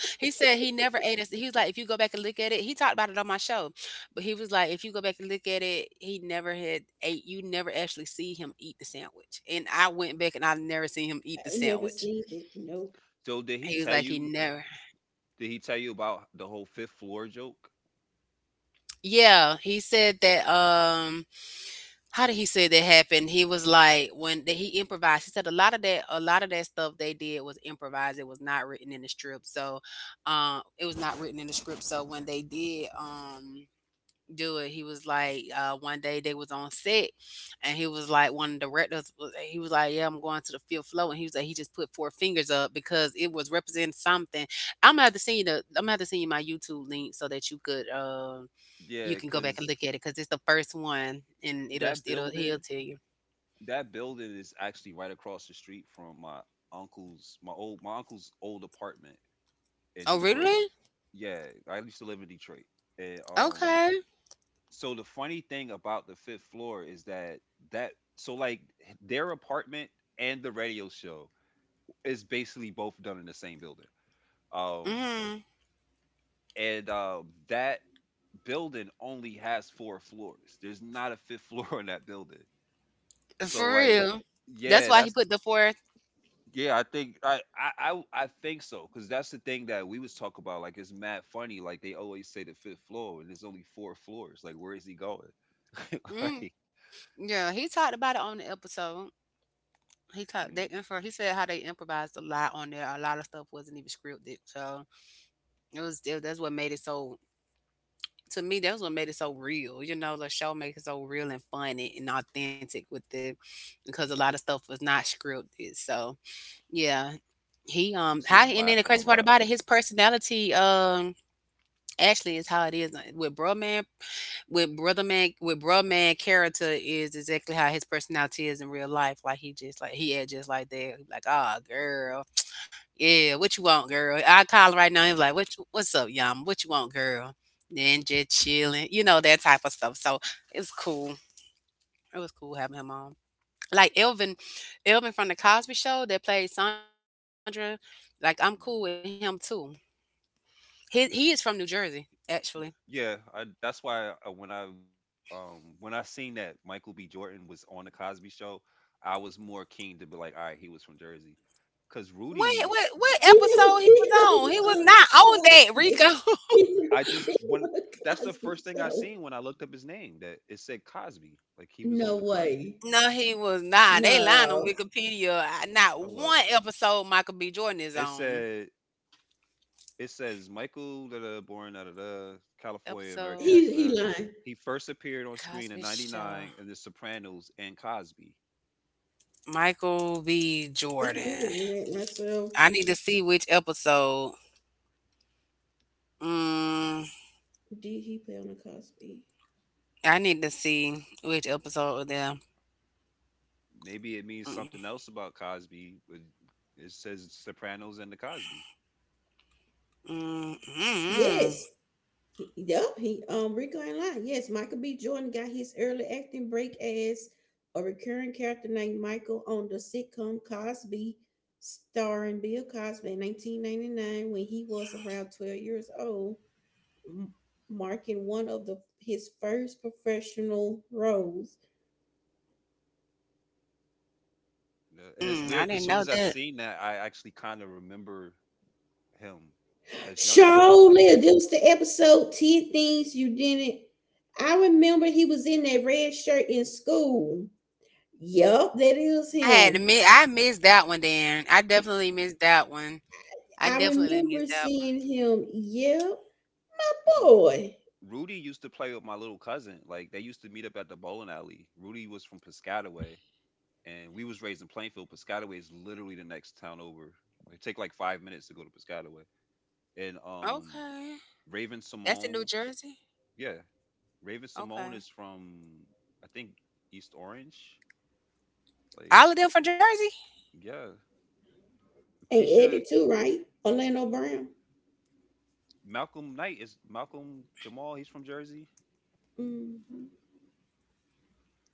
A: He said he never ate us. He was like, if you go back and look at it, he talked about it on my show, but he was like, if you go back and look at it, he never had ate. You never actually see him eat the sandwich. And I went back and I've never seen him eat the
B: I've never
A: sandwich.
B: seen that. No.
A: He was
C: So
A: like,
C: did
A: he
C: he tell
A: never.
C: you? Did he tell you about the whole fifth floor joke?
A: Yeah, he said that. Um, how did he say that happened? He was like when that he improvised. He said a lot of that, a lot of that stuff they did was improvised. It was not written in the script, so um, it was not written in the script. So when they did, um do it. He was like, uh, one day they was on set, and he was like, one of the directors, was- he was like, yeah, I'm going to the fifth floor, and he was like, he just put four fingers up because it was representing something. I'm gonna have to send you the, I'm gonna have to send you my YouTube link so that you could, um, you
C: Yeah,
A: can go back and
C: cause
A: look at it because it's the first one, and it'll,
C: that
A: it'll, he'll
C: building,
A: tell you.
C: that building is actually right across the street from my uncle's, my old, my uncle's old apartment in
A: Oh,
C: Detroit.
A: really?
C: Yeah, I used to live in Detroit, and um,
A: Okay.
C: so the funny thing about the fifth floor is that that so like their apartment and the radio show is basically both done in the same building um
A: Mm,
C: and uh, that building only has four floors, there's not a fifth floor in that building so
A: for
C: like
A: real. That's
C: yeah
A: why he
C: that's
A: put the fourth.
C: yeah I think I I I, I think so because that's the thing that we was talking about like it's mad funny like they always say the fifth floor and there's only four floors like where is he going
A: Mm,
C: like
A: yeah, he talked about it on the episode. He taught
C: mm,
A: they
C: you
A: info. He said how they improvised a lot on there. A lot of stuff wasn't even scripted, so it was. It, that's what made it so. To me, that's what made it so real. You know, the show makes it so real and funny and authentic with it, because a lot of stuff was not scripted. So yeah, he um how
C: see them
A: and then the crazy
C: laughing a
A: part about
C: lot.
A: it, his personality um actually is how it is uh, with bro man with brother man with bro man character is exactly how his personality is in real life. Like he just like he act just like that. He Like ah girl. Yeah, what you want, girl? I call him right now. He's like, "What? You- What's up, Yum? What you want, girl?" Then
C: Hmm.
A: just chilling, you know that type of stuff. So it's cool. It was cool having him on. Like Elvin, Elvin from the Cosby Show that played Sandra. Like I'm cool with him too.
C: Mm,
A: He he is from New Jersey
C: mm.
A: actually.
C: Yeah, I, that's why I, when I um when I seen that Michael B. Jordan was on the Cosby Show, I was more keen to be like, all right, he was from Jersey, because
A: What
C: Rudy,
A: what what
B: He
A: episode
B: never
A: he was
B: been
A: on? He
B: on
A: was
B: Mom
A: not on that
B: Cosby.
A: Rico.
B: He never
C: I just
B: been
C: when
B: on a
C: that's the
B: Cosby
C: first thing I
B: show.
C: seen when I looked up his name that it said Cosby, like he was on
B: No
C: the Cosby.
B: way.
A: no, he was not. They lying on
B: No.
A: Wikipedia. I- Not
C: Hold up,
A: one episode Michael B. Jordan is
C: it
A: on.
C: said it says Michael da, da, da, born da, da, da, California, America.
B: He
C: Da,
A: Episode
C: da,
B: he
C: da.
B: lying.
C: He first appeared on screen in
A: Cosby Show.
C: 'ninety-nine in The Sopranos and Cosby.
A: Michael B.
B: I'm
A: Jordan.
B: googling that myself.
A: I need to see which episode. Mm,
B: Did he play on the Cosby?
A: I need to see which episode of them.
C: Maybe it means
A: Mm,
C: something else about Cosby. With it says Sopranos and the Cosby,
A: mm, mm, mm,
B: Yes. He, yep. He um Rico ain't lying. Yes, Michael B. Jordan got his early acting break as a recurring character named Michael on the sitcom Cosby, starring Bill Cosby in nineteen ninety-nine when he was around twelve years old, m- marking one of the his first professional roles.
C: yeah, and it's
A: mm. I
C: weird because
A: didn't
C: soon
A: know
C: as I
A: that.
C: seen that, I actually kind of remember him as younger on
B: Surely,
C: Cosby.
B: this was the episode ten Things You Didn't. I remember he was in that red shirt in school. Yup, that is
A: I had to
B: him.
A: mi- I missed that one. Then I definitely missed that one. I
B: I
A: definitely missed
B: remember
A: that
B: seeing him, yell, my
C: 'Cause, you know,
B: boy.
C: Rudy used to play with my little cousin. Like they used to meet up at the bowling alley. Rudy was from Piscataway, and we was raised in Plainfield. Piscataway is literally the next town over. It take like five minutes to go to Piscataway. And
A: one.
C: um,
A: Okay,
C: Raven
A: that's in New
C: Simone,
A: Jersey.
C: yeah, Raven Simone
A: Okay,
C: is from I think East Orange. Like,
A: all of them from Jersey.
C: yeah,
B: And
C: Keisha,
B: Eddie too, right? Orlando Brown.
C: Malcolm Knight is Malcolm Jamal. He's from Jersey.
B: Mm-hmm.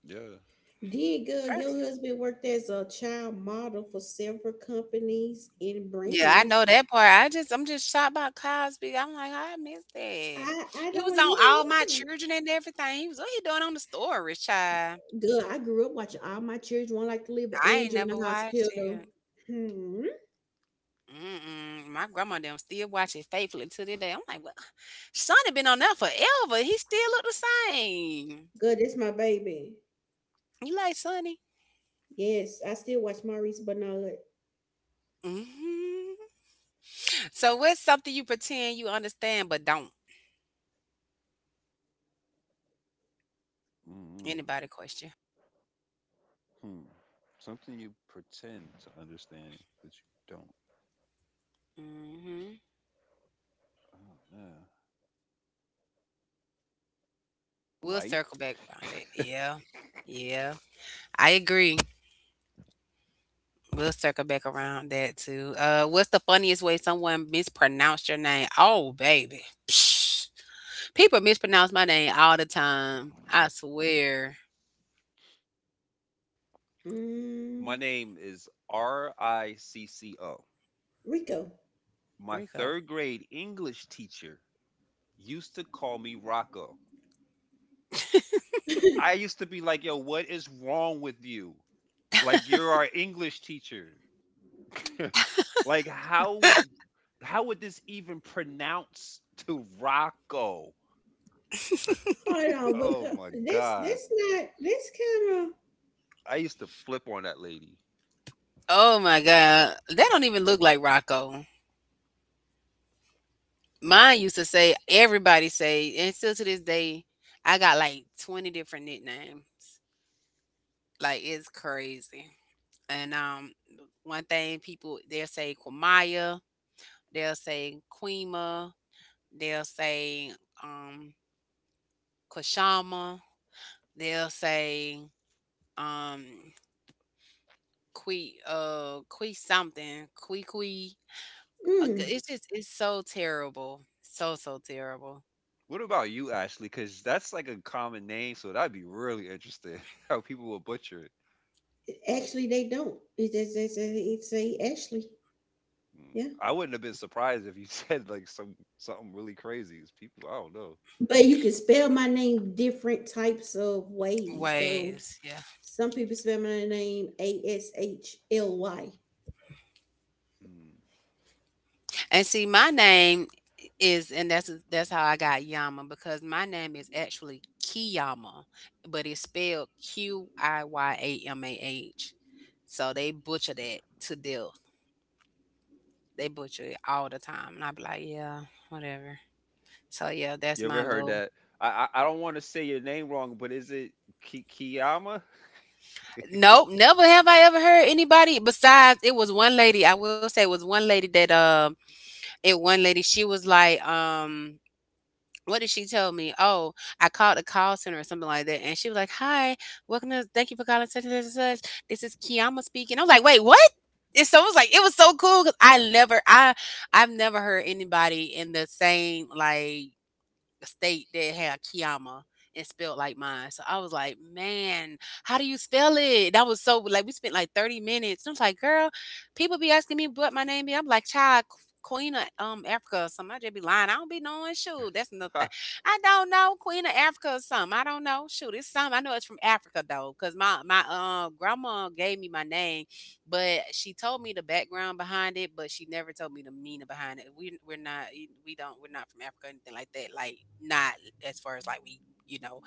C: Yeah.
B: Then, girl, your husband worked as a child model for several companies and
A: Yeah, I know
B: brands.
A: that part. I just I'm just shocked by Cosby. I'm like, I miss that.
B: I, I
A: He
B: don't,
A: was
B: he
A: on
B: don't
A: All My
B: look like
A: Children and everything. He was, what he doing on the story, child?
B: Girl, I grew up watching all my children want like to live with
A: I ain't
B: Andrew in
A: never
B: the
A: watched
B: hospital.
A: it.
B: Hmm.
A: Mm-mm. My grandma them still watch it faithfully to this day. I'm like, well, Sonny been on that forever. He still look the same.
B: Girl, that's my baby.
A: You like Sonny?
B: Yes, I still watch Maurice Bernard.
A: Hmm. So what's something you pretend you understand but don't?
C: Mm.
A: Anybody question?
C: Hmm. Something you pretend to understand, but you don't.
A: Hmm.
C: Oh, man.
A: We'll
C: Life.
A: circle back around that. Yeah. Yeah. I agree. We'll circle back around that too. Uh, what's the funniest way someone mispronounced your name? Oh, baby. Psh. People mispronounce my name all the time. I swear.
C: My
B: Mm,
C: name is R I C C O.
B: Rico.
C: My
A: Rico.
C: third grade English teacher used to call me Rocco. I used to be like, yo, what is wrong with you? Like, you're our English teacher. Like, how would how would this even pronounce to Rocco?
B: Hold on, because
C: Oh my
B: that's
C: god.
B: that's not that's kind
C: I used to flip on that lady.
A: Oh my God. That don't even look like Rocco. Mine used to say everybody say, and still to this day, I got like twenty different nicknames. Like it's crazy. And um one thing people they'll say Kwamaya, they'll say Quema, They'll say, um, Kashama. They'll say, um, Kui, uh, qui something, qui qui."
B: of
A: Uh, g-
B: mm,
A: It's just, it's so terrible. So, so terrible.
C: What about you, Ashley? Because that's like a common name, so that'd be really interesting how people will butcher it.
B: actually they don't. It just they say it say actually,
C: Mm.
B: yeah.
C: I wouldn't have been surprised if you said like some something really crazy. It's people, I don't know.
B: But you can spell my name different types of ways though.
A: Ways, yeah.
B: Some people spell my name A S H L Y.
C: Mm.
A: And see, my name is, and that's that's how I got Yama because my name is actually Kiyama, but it's spelled Q I Y A M A H. So they butcher that to death. They butcher it all the time, and I be like, yeah, whatever. So yeah, that's
C: You ever
A: my
C: heard
A: little.
C: that? I I, I don't want to say your name wrong, but is it Ki- Kiyama?
A: Nope, never have I ever heard anybody besides it was one lady. I will say it was one lady that um it one lady she was like um what did she tell me? Oh, I called the call center or something like that, and she was like, "Hi, welcome to thank you for calling such and such and such. This is Kiyama speaking." I was like, "Wait, what?" It's so it was like it was so cool because I never I I've never heard anybody in the same like state that had Kiama and spelled like mine. So I was like, "Man, how do you spell it?" That was so like we spent like thirty minutes. And I was like, "Girl, people be asking me what my name be." I'm like, "Child, Queen of um Africa or something." I just be lying. I don't be knowing. Shoot, that's nothing. I don't know Queen of Africa or something. I don't know. Shoot, it's something. I know it's from Africa though, cause my my uh, grandma gave me my name but she told me the background behind it, but she never told me the meaning behind it. We we're not e, we don't we're not from Africa or anything like that. Like not as far as like we you know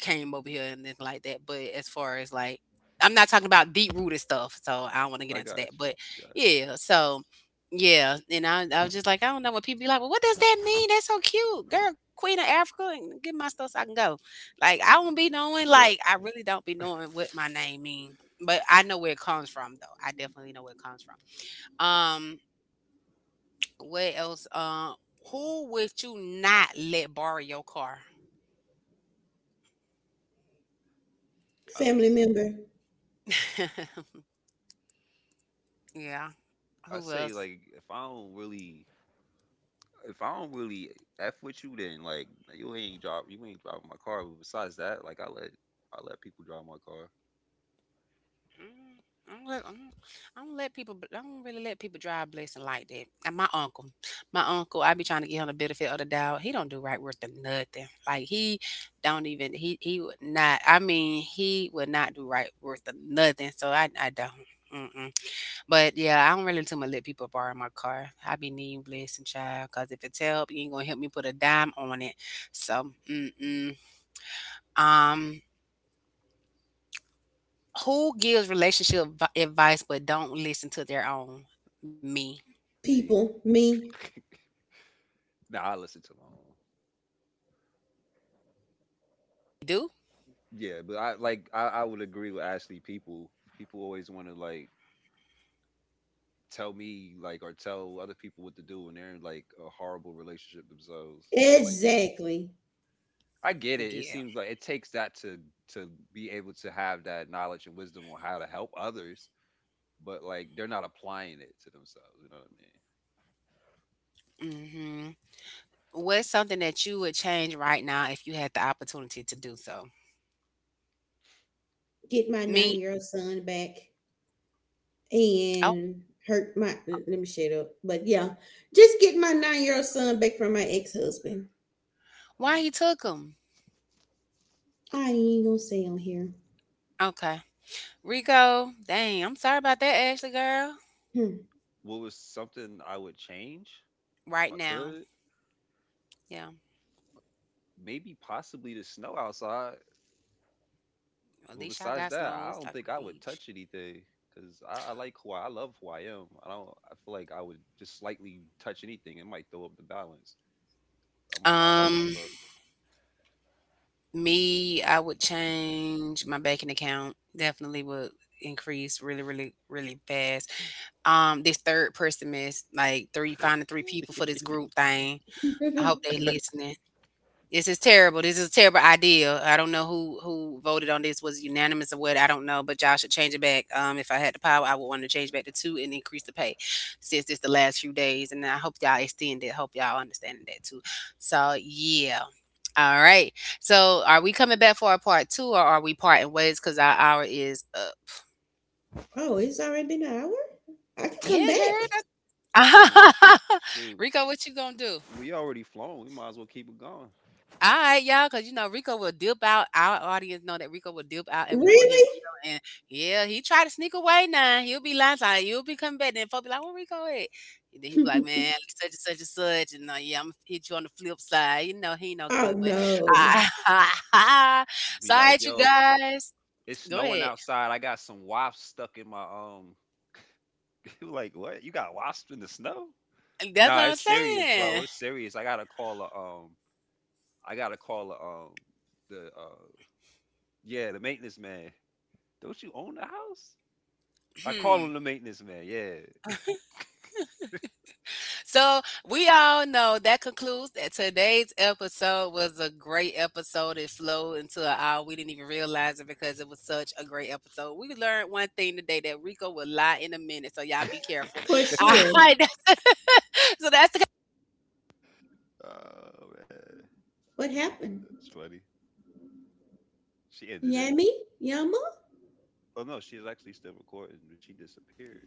A: came over here and anything like that. But as far as like I'm not talking about deep rooted stuff, so I don't want to get
C: I
A: into
C: got
A: that. But
C: you, got you.
A: yeah, so yeah, and I, I was just like, I don't know what people be like. Well, what does that mean? That's so cute, girl. Queen of Africa, and get my stuff so I can go. Like I don't be knowing.
C: The-
A: Like I really don't be knowing what my name mean but I know where it comes from though. I definitely know where it comes from. Um, what else? Uh, who would you not let borrow your car?
C: I
B: Family
C: was
B: member,
A: Yeah.
C: I
A: Who
C: say
A: else?
C: like if I don't really if I don't really f with you, then like you ain't drop you ain't driving my car. But besides that, like I let I let people drive my car.
A: Mm, I don't, let, I don't I don't let people. I don't really let people drive blessing like that. And my uncle, my uncle, I be trying to get him the benefit of the doubt. He don't do right worth of nothing. Like he don't even. He he would not. I mean, he would not do right worth of nothing. So I I don't. Mm-mm. But yeah, I don't really too much let people borrow my car. I be needing blessing, child, because if it's help, you ain't gonna help me put a dime on it. So, mm-mm. um, who gives relationship advi- advice but don't listen to their own? Me.
C: Me,
B: people, me.
C: nah, I listen to my own.
A: You do?
C: Yeah, but I like I, I would agree with Ashley. People people always want to like tell me like or tell other people what to do when they're in like a horrible relationship themselves or like
B: Exactly.
C: I get it. It
A: Yeah.
C: seems like it takes that to to be able to have that knowledge and wisdom on how to help others, but like they're not applying it to themselves. You know what I
A: Mm-hmm. What's something that you would change right now if you had the opportunity to do so?
B: Get my
A: Me?
B: nine year old son back
A: Oh,
B: and hurt my let me shut up. But yeah, just get my nine year old son back from my ex husband.
A: why
C: mean?
A: he took him?
B: I ain't gonna say on here.
A: Okay. Rico, dang, I'm sorry about that, Ashley girl.
B: Hmm.
C: What was something I would change if
A: Right
C: I
A: now.
C: could?
A: Yeah.
C: Maybe possibly the snow outside.
A: At
C: But
A: least y'all
C: besides
A: got
C: that,
A: snow.
C: I
A: It's
C: don't
A: like a
C: think I would
A: beach.
C: touch anything because I, I like who I love who I am. I don't. I feel like I would just slightly touch anything. It might throw up the balance. I might not like
A: Um,
C: myself.
A: Me, I would change my banking account. Definitely would increase really, really, really fast. Um, this third person is like three, finding three people for this group thing. I hope they listening. This is terrible. This is a terrible idea. I don't know who who voted on this. Was it unanimous or what? I don't know. But y'all should change it back. Um, if I had the power, I would want to change back to two and increase the pay, since it's the last few days. And I hope y'all extend it. Hope y'all understand that too. So yeah. All right. So are we coming back for a part two, or are we parting ways because our hour is up?
B: Oh, it's already been an hour? I can
A: Yeah,
B: come back.
A: girl,
C: I mean,
A: that's—
C: shoot,
A: Rico, what you gonna do?
C: we already flown. We might as well keep it going.
A: All right, y'all, because you know Rico will dip out. Our audience know that Rico will dip out, and we won't hear
B: Really?
A: from you. And yeah, he tried to sneak away. Now he'll be lying, like you'll be coming back. Then folks be like, "Where Rico at?" And then he be like, "Man, such and such and such," and uh, yeah, I'm gonna hit you on the flip side. You know he ain't no
B: Oh
A: good, but
B: no.
C: Be
A: so, all
C: like,
A: right, you
C: yo,
A: guys.
C: it's
A: Go
C: snowing
A: ahead.
C: outside. I got some wasps stuck in my um. Like, what? You got wasps in the snow?
A: That's
C: Nah,
A: what I'm
C: it's serious, bro.
A: saying.
C: It's serious. I gotta call a um I gotta call um the uh yeah the maintenance man. Don't you own the house? I call him the maintenance man. Yeah.
A: So we all know that concludes that today's episode was a great episode. It flowed into an hour. We didn't even realize it because it was such a great episode. We learned one thing today, that Rico will lie in a minute. So y'all be careful.
B: For
A: All
B: sure.
A: right. So that's the—
C: oh man,
B: What happened?
C: that's funny. She ended it.
B: Yami? Yama?
C: Oh no, she's actually still recording, but she disappeared.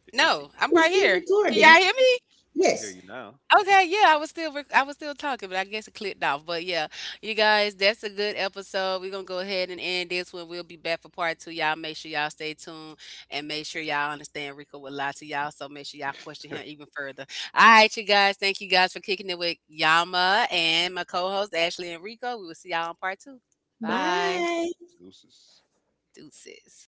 C: There she go.
A: no, I'm
B: It's
A: right
B: still
A: here. Can
B: recording.
A: y'all hear me?
C: I hear you
B: Yes.
C: now.
A: Okay, yeah, I was still rec- I was still talking, but I guess it clicked off. But yeah, you guys, that's a good episode. We're gonna go ahead and end this one. We'll be back for part two. Y'all make sure y'all stay tuned and make sure y'all understand Rico will lie to y'all. So make sure y'all question him even further. All right, you guys. Thank you guys for kicking it with Yama and my co-host Ashley and Rico. We will see y'all on part two. Bye.
B: Bye.
C: Deuces.
A: Deuces.